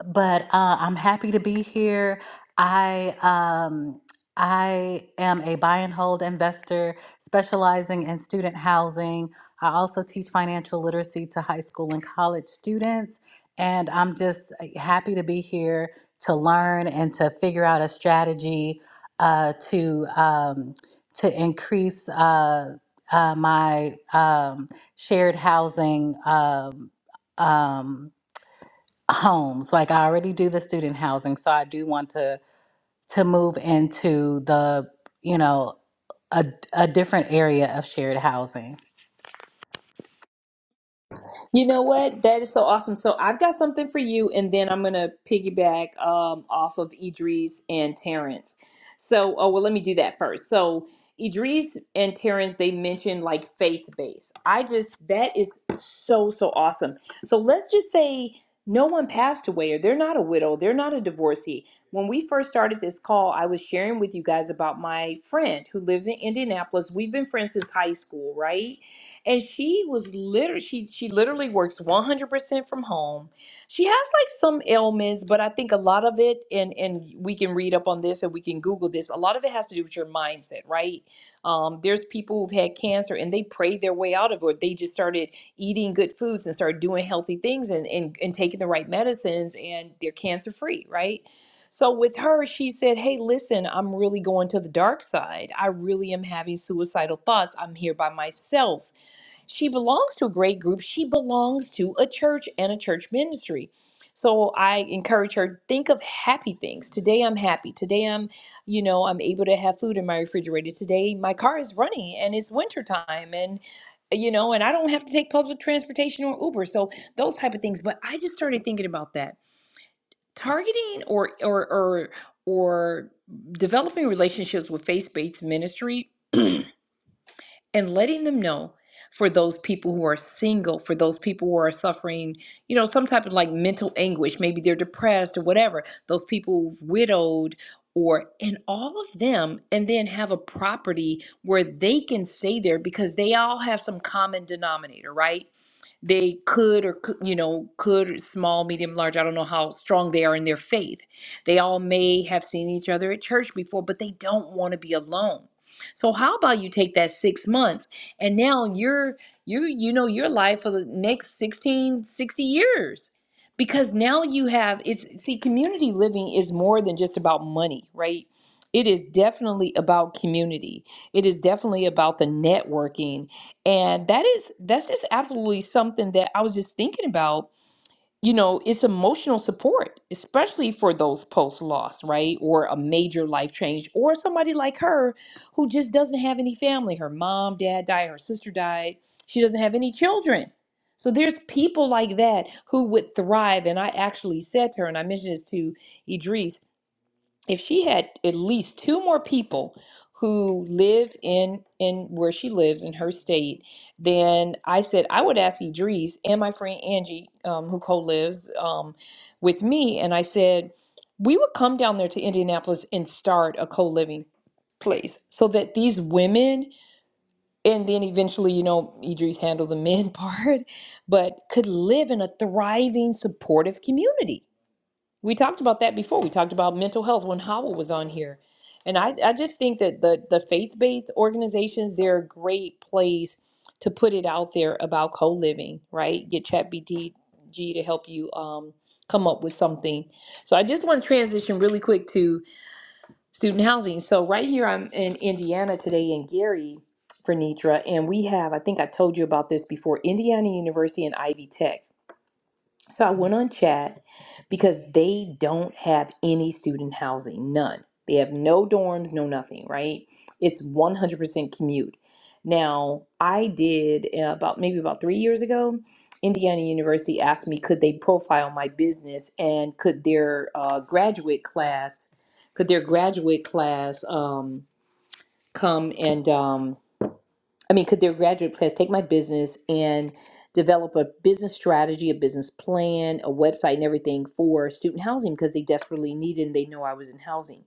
Speaker 4: but uh, I'm happy to be here. I um, I am a buy and hold investor specializing in student housing. I also teach financial literacy to high school and college students, and I'm just uh, happy to be here to learn and to figure out a strategy uh, to um, to increase uh, uh, my um, shared housing. Um, um, homes like i already do the student housing so i do want to to move into the you know a, a different area of shared housing
Speaker 1: You know what? That is so awesome. So I've got something for you, and then I'm gonna piggyback um, off of Idris and Terrence. So, oh well, let me do that first. So Idris and Terrence, they mentioned like faith based. I just that is so so awesome. So let's just say no one passed away, or they're not a widow, they're not a divorcee. When we first started this call, I was sharing with you guys about my friend who lives in Indianapolis. We've been friends since high school, right? and she was literally she she literally works 100% from home she has like some ailments but i think a lot of it and and we can read up on this and we can google this a lot of it has to do with your mindset right um, there's people who've had cancer and they prayed their way out of it they just started eating good foods and started doing healthy things and and, and taking the right medicines and they're cancer free right so with her, she said, Hey, listen, I'm really going to the dark side. I really am having suicidal thoughts. I'm here by myself she belongs to a great group. She belongs to a church and a church ministry. So I encourage her think of happy things. Today I'm happy. Today I'm, you know, I'm able to have food in my refrigerator. Today my car is running and it's winter time and you know, and I don't have to take public transportation or Uber. So those type of things, but I just started thinking about that. Targeting or or or or developing relationships with faith-based ministry and letting them know for those people who are single, for those people who are suffering, you know, some type of like mental anguish, maybe they're depressed or whatever, those people who've widowed or and all of them and then have a property where they can stay there because they all have some common denominator, right? they could or cou- you know could small medium large i don't know how strong they are in their faith they all may have seen each other at church before but they don't want to be alone so how about you take that six months and now you're you you know your life for the next 16 60 years because now you have it's see community living is more than just about money right it is definitely about community it is definitely about the networking and that is that's just absolutely something that I was just thinking about. You know, it's emotional support, especially for those post loss, right? Or a major life change, or somebody like her who just doesn't have any family. Her mom, dad died, her sister died. She doesn't have any children. So there's people like that who would thrive. And I actually said to her, and I mentioned this to Idris, if she had at least two more people who live in in where she lives in her state, then I said I would ask Idris and my friend Angie, um, who co-lives um, with me, and I said we would come down there to Indianapolis and start a co-living place so that these women and then eventually you know Idris handled the men [LAUGHS] part but could live in a thriving supportive community we talked about that before. We talked about mental health when Howell was on here. And I, I just think that the, the faith based organizations, they're a great place to put it out there about co living, right? Get ChatBTG to help you um, come up with something. So I just want to transition really quick to student housing. So right here, I'm in Indiana today in Gary for Nitra, and we have, I think I told you about this before, Indiana University and Ivy Tech. So I went on chat because they don't have any student housing, none. They have no dorms, no nothing, right? It's 100% commute. Now, I did uh, about maybe about three years ago, Indiana University asked me could they profile my business and could their uh, graduate class, could their graduate class um, come and um, I mean, could their graduate class take my business and develop a business strategy, a business plan, a website, and everything for student housing because they desperately need it and they know I was in housing.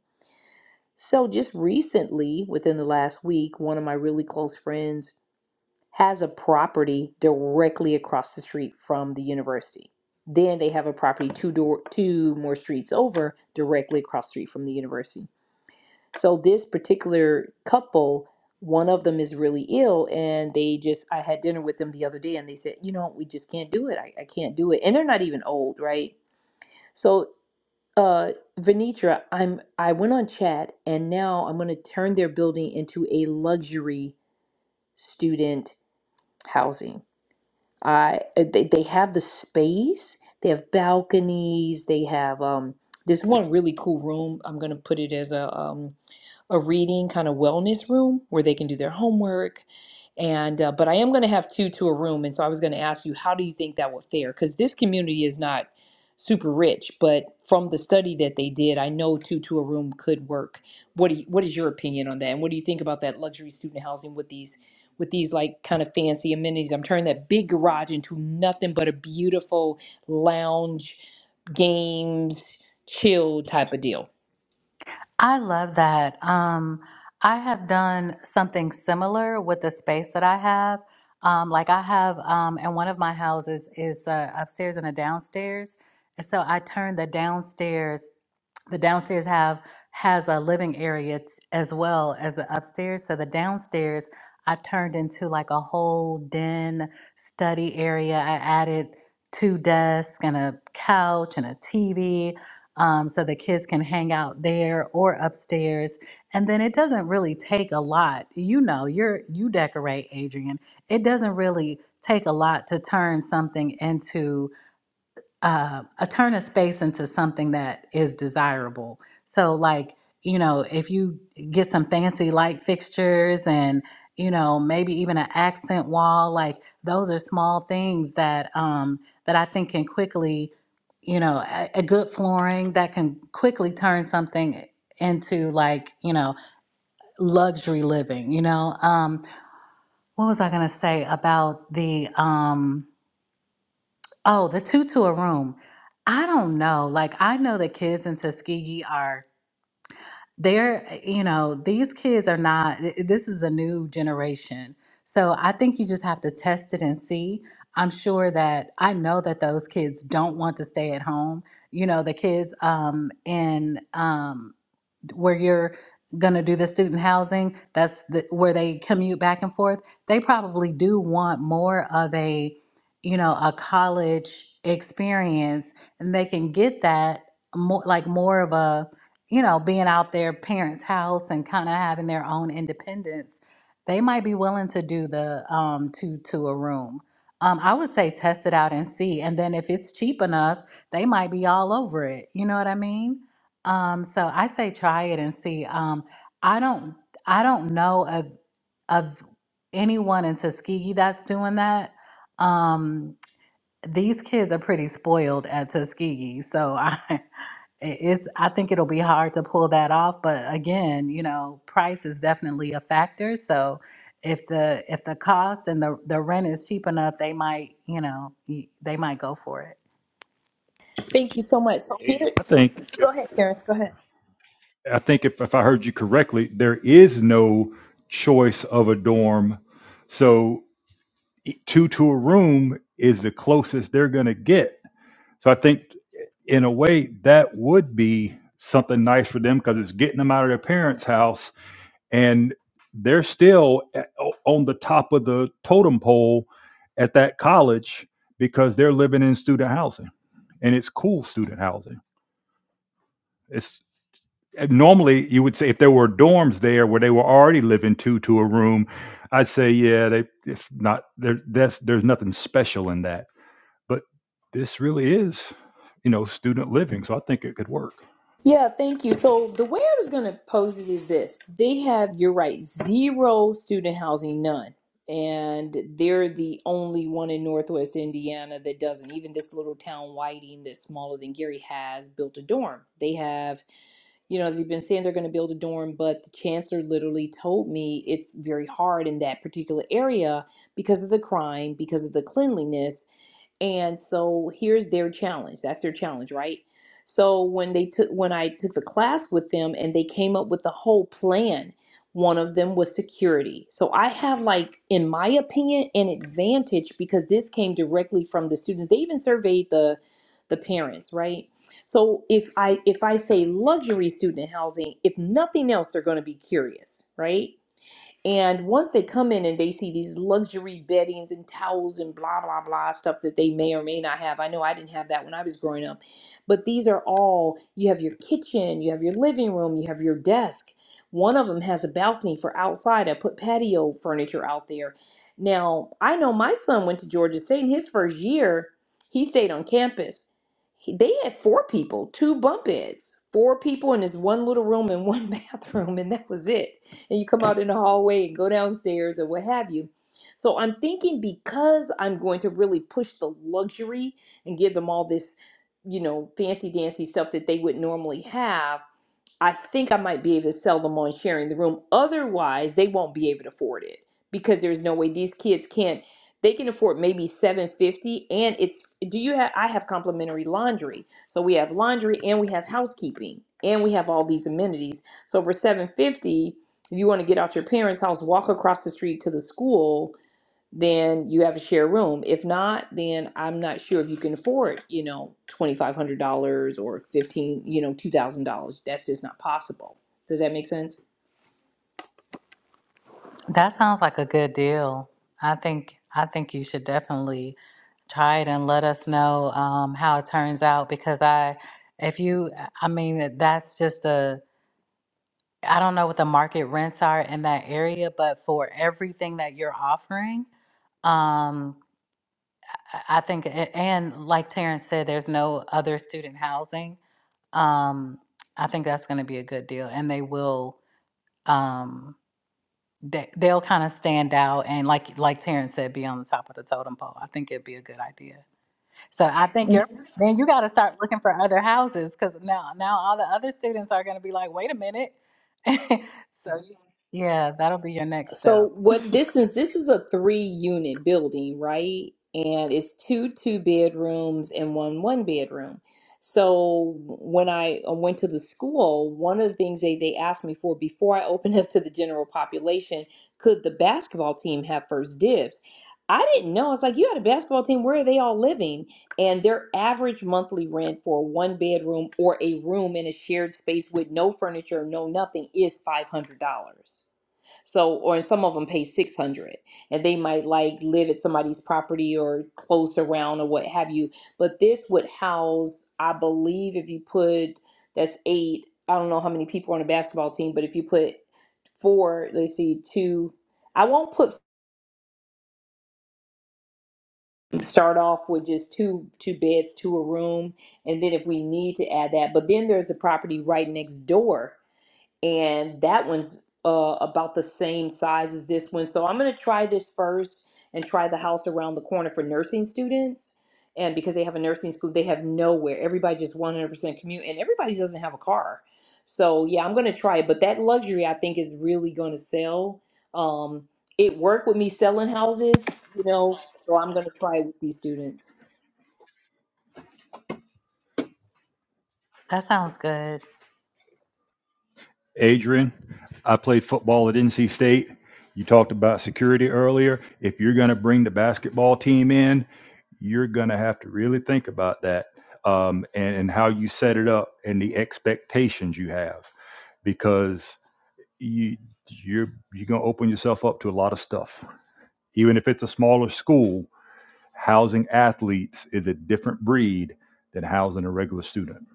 Speaker 1: So, just recently, within the last week, one of my really close friends has a property directly across the street from the university. Then they have a property two door two more streets over directly across the street from the university. So this particular couple, one of them is really ill, and they just I had dinner with them the other day, and they said, you know, we just can't do it. I, I can't do it, and they're not even old, right? So, uh, Venitra, I'm I went on chat, and now I'm going to turn their building into a luxury student housing. I uh, they, they have the space, they have balconies, they have um this one really cool room. I'm going to put it as a um a reading kind of wellness room where they can do their homework and uh, but i am going to have two to a room and so i was going to ask you how do you think that would fare because this community is not super rich but from the study that they did i know two to a room could work what do you, what is your opinion on that and what do you think about that luxury student housing with these with these like kind of fancy amenities i'm turning that big garage into nothing but a beautiful lounge games chill type of deal
Speaker 4: i love that um i have done something similar with the space that i have um like i have um and one of my houses is uh, upstairs and a downstairs and so i turned the downstairs the downstairs have has a living area t- as well as the upstairs so the downstairs i turned into like a whole den study area i added two desks and a couch and a tv um, so the kids can hang out there or upstairs and then it doesn't really take a lot you know you're you decorate adrian it doesn't really take a lot to turn something into uh, a turn a space into something that is desirable. So, like, you know, if you get some fancy light fixtures and, you know, maybe even an accent wall, like those are small things that um, that I think can quickly, you know, a, a good flooring that can quickly turn something into like, you know, luxury living. You know, um, what was I gonna say about the? Um, Oh, the two to a room. I don't know. Like, I know the kids in Tuskegee are, they're, you know, these kids are not, th- this is a new generation. So I think you just have to test it and see. I'm sure that I know that those kids don't want to stay at home. You know, the kids um, in um, where you're going to do the student housing that's the, where they commute back and forth they probably do want more of a you know a college experience and they can get that more like more of a you know being out their parents house and kind of having their own independence they might be willing to do the um two to a room um, I would say test it out and see. And then if it's cheap enough, they might be all over it. You know what I mean? Um, so I say try it and see. Um, I don't I don't know of of anyone in Tuskegee that's doing that. Um, these kids are pretty spoiled at Tuskegee, so I [LAUGHS] it- it's I think it'll be hard to pull that off. But again, you know, price is definitely a factor. So if the if the cost and the the rent is cheap enough, they might you know y- they might go for it.
Speaker 1: Thank you so much. So
Speaker 3: Adrian,
Speaker 1: here,
Speaker 3: I think if
Speaker 1: go ahead, Terrence. Go ahead.
Speaker 3: I think if, if I heard you correctly, there is no choice of a dorm. So two to a room is the closest they're gonna get. So I think in a way that would be something nice for them because parents' house and they're still a- o- on the top of the totem pole at that college because they're living in student housing and it's cool housing. It's norms there where they were already living two to a room. I'd say, yeah, they it's not there that's there's nothing special in that. But this really is, you know, student living. So I think it could work.
Speaker 1: Yeah, thank you. So the way I was going to pose it is this: they have, you're right, zero student housing, none, and they're the only one in Northwest Indiana that doesn't. Even this little town, Whiting, that's smaller than Gary, has built a dorm. They have you know, they've been saying they're going to build a dorm, but the chancellor literally told me it's very hard in that particular area because of the crime, because of the cleanliness. And so here's their challenge. That's their challenge, right? So when they took when I took the class with them and they came up with the whole plan, one of them was security. So I have like in my opinion an advantage because this came directly from the students. They even surveyed the the parents, right? So if I if I say luxury student housing, if nothing else, they're going to be curious, right? And once they come in and they see these luxury beddings and towels and blah, blah, blah stuff that they may or may not have. I know I didn't have that when I was growing up, but these are all you have your kitchen, you have your living room, you have your desk. One of them has a balcony for outside. I put patio furniture out there. Now, I know my son went to Georgia State in his first year, he stayed on campus. He- They had four people, two bunk beds, four people in this one little room and one [LAUGHS] bathroom, and that was it and you come out in the hallway and go downstairs or what have you. So I'm thinking because I'm going to really push the luxury and give them all this, you know, fancy dancy stuff that they would normally have I think I might be able to sell them on sharing the room. Otherwise, they won't be able to afford it because there's no way these kids can't. They can afford maybe 750 and it's do you have I have complimentary laundry. So we have laundry and we have housekeeping and we have all these amenities. So for 750, if you want to get out your parents' house, walk across the street to the school, then you have a share room. If not, then I'm not sure if you can afford, you know, twenty five hundred dollars or fifteen, you know, two thousand dollars. That's just not possible. Does that make sense?
Speaker 4: That sounds like a good deal. I think I think you should definitely try it and let us know um, how it turns out because I, if you, I mean, that's just a, I don't know what the market rents are in that area, but for everything that you're offering, um, I I think, a- and like Terrence said, there's no other student housing. Um, I think that's going to be a good deal, and they will. Um, They they'll kind of stand out and like like Terrence said, be on the top of the totem pole. I think it'd be a good idea. So I think you're then you got to start looking for other houses because now now all the other students are going to be like, wait a minute. [LAUGHS] so yeah, that'll be your next
Speaker 1: So
Speaker 4: step.
Speaker 1: what
Speaker 4: [LAUGHS]
Speaker 1: this is this is a three unit building, right? And it's two two bedrooms and one one bedroom. So when I went to the school, one of the things they, they asked me for before I opened up to the general population, could the basketball team have first dibs? I didn't know. I was like, you had a basketball team, where are they all living? And their average monthly rent for a one bedroom or a room in a shared space with no furniture, no nothing is five hundred dollars. So, or and some of them pay 600 and they might like live at somebody's property or close around or what have you. But this would house, I believe, if you put that's eight, I don't know how many people on a basketball team, but if you put four, let's see, two, I won't put start off with just two two beds to a room and then if we need to add that but then there's a property right next door and that one's uh, about the same size as this one. So I'm going to try this first and try the house around the corner for nursing students. And because they have a nursing school, they have nowhere. Everybody just 100% commute, and everybody doesn't have a car. So yeah, I'm going to try it. But that luxury, I think, is really going to sell. Um, it worked with me selling houses, you know, so I'm going to try it with these students.
Speaker 4: That sounds good.
Speaker 3: Adrian, I played football at NC State. You talked about security earlier. If you're going to bring the basketball team in, you're going to have to really think about that um, and, and how you set it up and the expectations you have because you, you're, you're going to open yourself up to a lot of stuff. Even if it's a smaller school, housing athletes is a different breed than housing a regular student.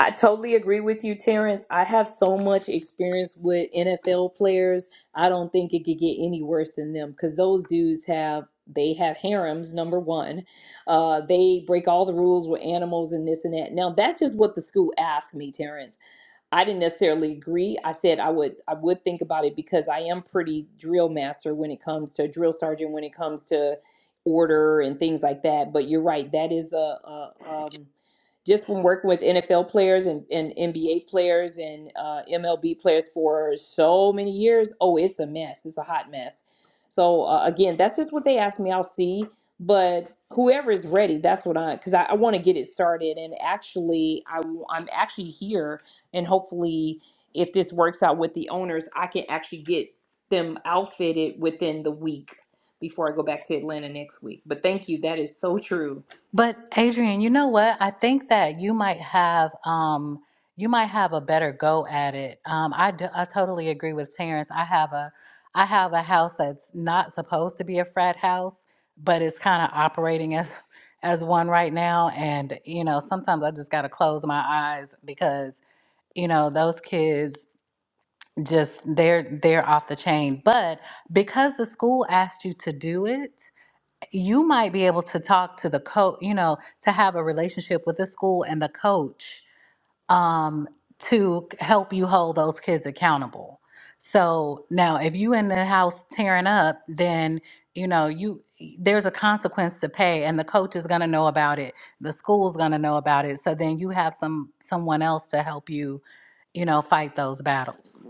Speaker 1: I totally agree with you, Terrence. I have so much experience with NFL players. I don't think it could get any worse than them because those dudes have they have harems. Number one, uh, they break all the rules with animals and this and that. Now that's just what the school asked me, Terrence. I didn't necessarily agree. I said I would I would think about it because I am pretty drill master when it comes to drill sergeant when it comes to order and things like that. But you're right, that is a, a um, just from working with NFL players and, and NBA players and uh, MLB players for so many years. Oh, it's a mess. It's a hot mess. So uh, again, that's just what they asked me. I'll see. But whoever is ready, that's what I because I, I want to get it started. And actually, I i w- I'm actually here and hopefully if this works out with the owners i can actually get them outfitted within the week before i go back to atlanta next week but thank you that is so true
Speaker 4: But Adrian, you know what? I think that you might have um you might have a better go at it. Um I d- I totally agree with Terrence. I have a I have a house that's not supposed to be a frat house, but it's kind of operating [LAUGHS] as as one right now and you know, sometimes I just got to close my eyes because you know, those kids just they're they're off the chain. But because the school asked you to do it, you might be able to talk to the coach, you know, to have a relationship with the school and the coach um, to help you hold those kids accountable. So now, if you in the house tearing up, then you know you there's a consequence to pay, and the coach is going to know about it. The school's going to know about it. So then you have some someone else to help you, you know, fight those battles.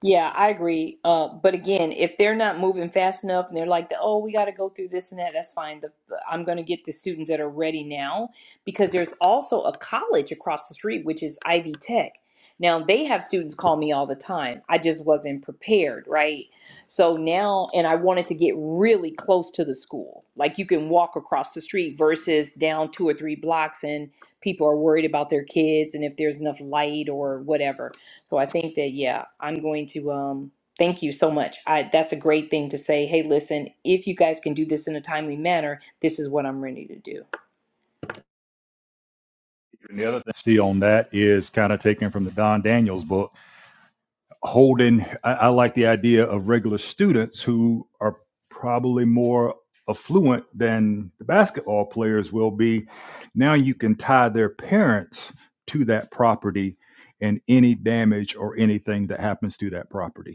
Speaker 1: Yeah, I agree. Uh, but again, if they're not moving fast enough and they're like, oh, we got to go through this and that, that's fine. The, I'm going to get the students that are ready now because there's also a college across the street, which is Ivy Tech. Now, they have students call me all the time. I just wasn't prepared, right? So now, and I wanted to get really close to the school. Like you can walk across the street versus down two or three blocks and people are worried about their kids and if there's enough light or whatever. So I think that yeah, I'm going to um thank you so much. I that's a great thing to say, hey, listen, if you guys can do this in a timely manner, this is what I'm ready to do.
Speaker 3: the other thing I see on that is kind of taken from the Don Daniels book, holding. I, I like the idea of regular students who are probably more affluent than the basketball players will be. Now you can tie their parents to that property and any damage or anything that happens to that property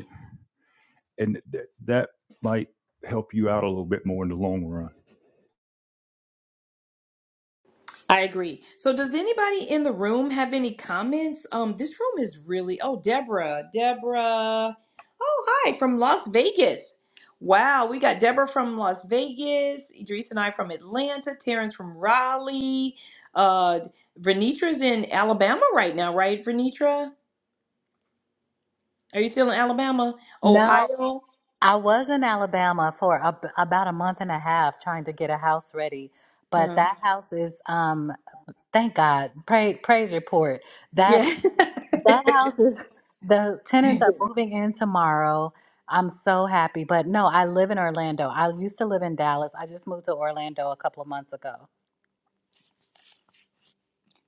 Speaker 3: and th- that might help you out a little bit more in the long run.
Speaker 1: I agree. So does anybody in the room have any comments? Um this room is really Oh, Deborah, Deborah. Oh, hi from Las Vegas. Wow, we got Deborah from Las Vegas, Idris and I from Atlanta, Terrence from Raleigh. Uh Vernitra's in Alabama right now, right, Vernitra? Are you still in Alabama? Ohio?
Speaker 4: I was in Alabama for ab about a month and a half trying to get a house ready, but
Speaker 1: Uh,
Speaker 4: that house is um thank God. Pray, praise report. That
Speaker 1: yeah. [LAUGHS]
Speaker 4: that house is the tenants are moving in tomorrow. I'm so happy, but no, I live in Orlando. I used to live in Dallas. I just moved to Orlando a couple of months ago.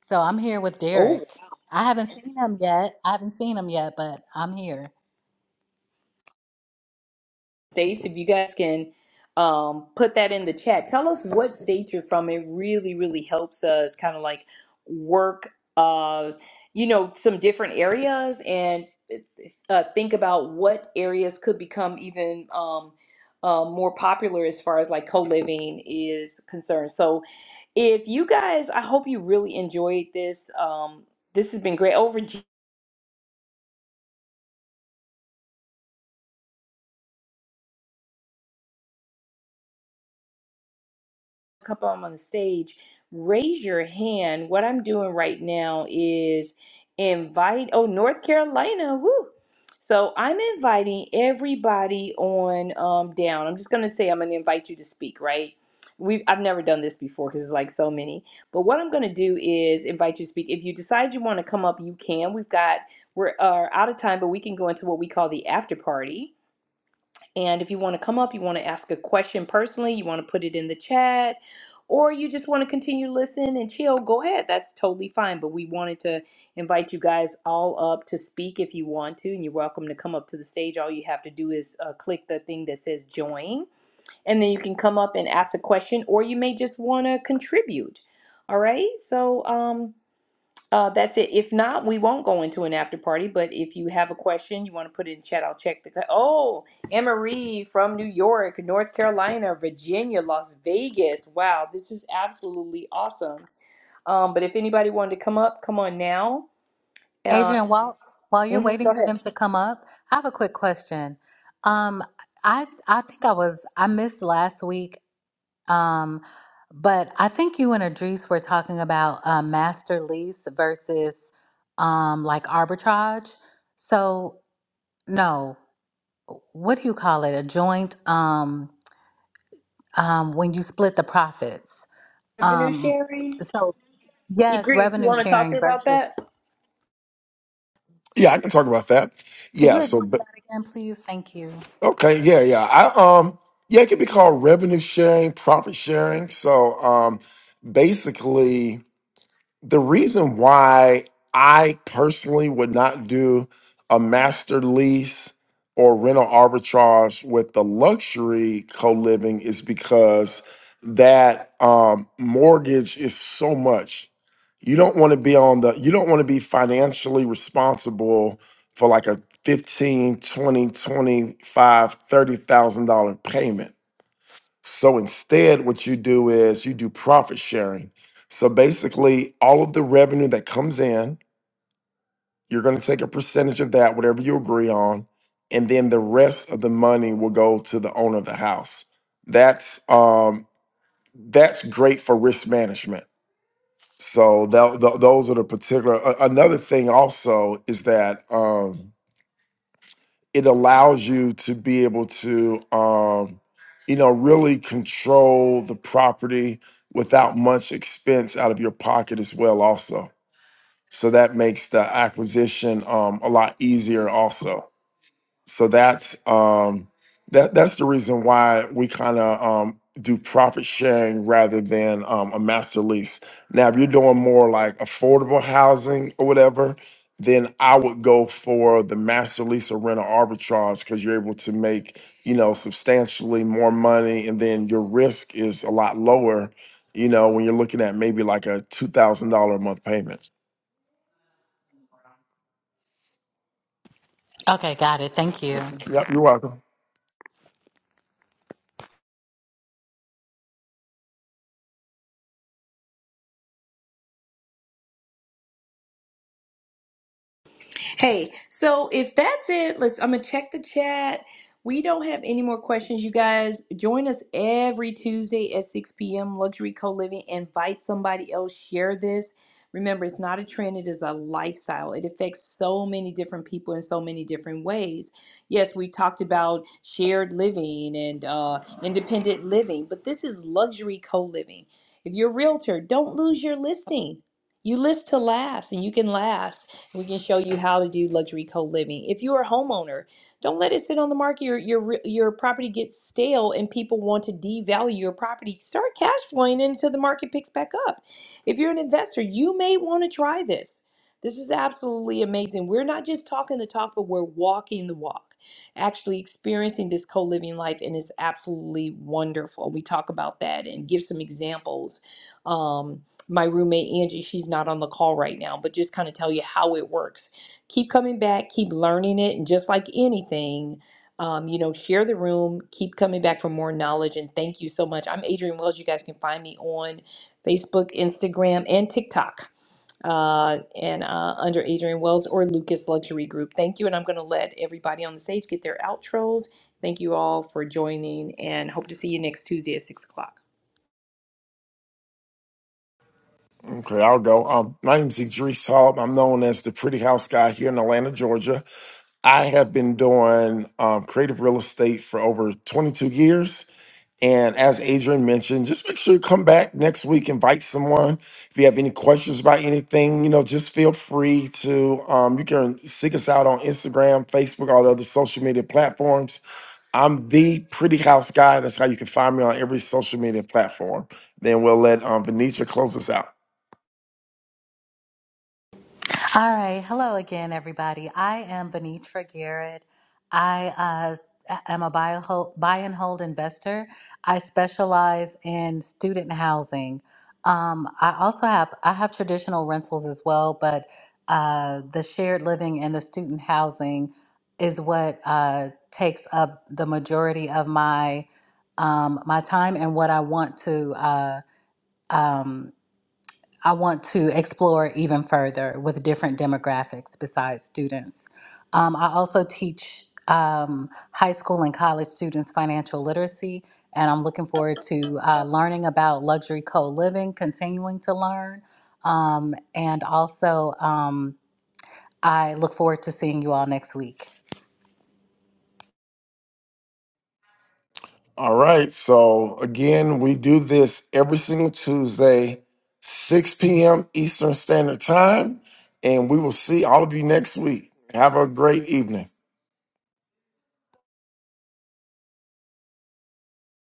Speaker 4: So I'm here with
Speaker 1: Oh,
Speaker 4: Derek. I haven't seen him yet. I haven't seen him yet, but I'm here.
Speaker 1: states, if you guys can um, put that in the chat. Tell us what state you're from. It really, really helps us kind of like work, uh, you know, some different areas and uh, think about what areas could become even um, uh, more popular as far as like co living is concerned. So, if you guys i hope you really enjoyed this um this has been great over a couple of them on the stage raise your hand what i'm doing right now is invite oh north carolina woo so i'm inviting everybody on um down i'm just gonna say i'm gonna invite you to speak right We've, I've never done this before because it's like so many. But what I'm going to do is invite you to speak. If you decide you want to come up, you can. We've got, we're uh, out of time, but we can go into what we call the after party And if you want to come up, you want to ask a question personally, you want to put it in the chat, or you just want to continue to listen and chill, go ahead. That's totally fine. But we wanted to invite you guys all up to speak if you want to, and you're welcome to come up to the stage. All you have to do is uh, click the thing that says join, and then you can come up and ask a question, or you may just want to contribute. All right. So, um, uh, that's it. If not, we won't go into an after party. But if you have a question, you want to put it in chat, I'll check the. co- Oh, Emma Reed from New York, North Carolina, Virginia, Las Vegas. Wow, this is absolutely awesome. Um, but if anybody wanted to come up, come on now. Uh,
Speaker 4: Adrian, while while you're
Speaker 1: mhm, go
Speaker 4: waiting for
Speaker 1: ahead.
Speaker 4: them to come up, I have a quick question. Um, I I think I was I missed last week, um, but I think you and Adrice were talking about uh, master lease versus um, like arbitrage. So no, what do you call it? A joint um, um, when you split the profits.
Speaker 1: Revenue
Speaker 4: Um,
Speaker 1: sharing.
Speaker 4: so yes,
Speaker 1: Idris, you
Speaker 4: revenue
Speaker 1: want to talk
Speaker 4: sharing
Speaker 1: here about
Speaker 4: versus.
Speaker 1: that?
Speaker 2: Yeah, I can talk about that.
Speaker 4: Could you
Speaker 2: Yeah.
Speaker 4: explain
Speaker 2: So, but
Speaker 4: that again, please? Thank you.
Speaker 2: okay. Yeah, yeah. I um, yeah, it could be called revenue sharing, profit sharing. So, um, basically. the reason why I personally would not do a master lease or rental arbitrage with the luxury co living is because that um, mortgage is so much. You don't want to be on the, you don't want to be financially responsible for like a 15, 20, 25, dollars payment so instead, what you do is you do profit sharing. So basically, all of the revenue that comes in, you're going to take a percentage of that, whatever you agree on, and then the rest of the money will go to the owner of the house. That's um, that's great for risk management. So tho- tho- those are the particular. a- another thing also is that. Um, it allows you to be able to um, you know really control the property without much expense out of your pocket as well also so that makes the acquisition um, a lot easier also so that's um that that's the reason why we kind of um do profit sharing rather than um, a master lease now if you're doing more like affordable housing or whatever then i would go for the master lease or rental arbitrage because you're able to make you know substantially more money and then your risk is a lot lower you know when you're looking at maybe like a $2000 a month payment
Speaker 4: Okay, got it. Thank you.
Speaker 2: yep you're welcome
Speaker 1: Hey, so if that's it, let's I'm gonna check the chat. We don't have any more questions, you guys. Join us every Tuesday at 6 p.m. Luxury Co-Living. Invite somebody else, share this. Remember, it's not a trend, it is a lifestyle. It affects so many different people in so many different ways. Yes, we talked about shared living and uh, independent living, but this is luxury co-living. If you're a realtor, don't lose your listing. You list to last and you can last. We can show you how to do luxury co-living. If you're a homeowner, don't let it sit on the market. Your your re- your property gets stale and people want to devalue your property. Start cash flowing until the market picks back up. If you're an investor, you may want to try this. This is absolutely amazing. We're not just talking the talk, but we're walking the walk, actually experiencing this co living life, and it's absolutely wonderful. We talk about that and give some examples. Um, my roommate Angie, she's not on the call right now, but just kind of tell you how it works. Keep coming back, keep learning it, and just like anything, um, you know, share the room, keep coming back for more knowledge, and thank you so much. I'm Adrienne Wells. You guys can find me on Facebook, Instagram, and TikTok, uh, and uh, under Adrienne Wells or Lucas Luxury Group. Thank you, and I'm going to let everybody on the stage get their outros. Thank you all for joining, and hope to see you next Tuesday at six o'clock.
Speaker 2: Okay, I'll go. Um, my name's Idris Hall. I'm known as the Pretty House Guy here in Atlanta, Georgia. I have been doing um, creative real estate for over 22 years. And as Adrian mentioned, just make sure you come back next week, invite someone. If you have any questions about anything, you know, just feel free to, um, you can seek us out on Instagram, Facebook, all the other social media platforms. I'm the Pretty House Guy. That's how you can find me on every social media platform. Then we'll let um, Venetia close us out.
Speaker 4: All right. Hello again, everybody. I am Benitra Garrett. I uh, am a buy, hold, buy and hold investor. I specialize in student housing. Um, I also have I have traditional rentals as well, but uh, the shared living and the student housing is what uh, takes up the majority of my um, my time and what I want to. Uh, um, I want to explore even further with different demographics besides students. Um, I also teach um, high school and college students financial literacy, and I'm looking forward to uh, learning about luxury co living, continuing to learn. Um, and also, um, I look forward to seeing you all next week.
Speaker 2: All right. So again, we do this every single Tuesday, 6 p.m. Eastern Standard Time. And we will see all of you next week. Have a great evening.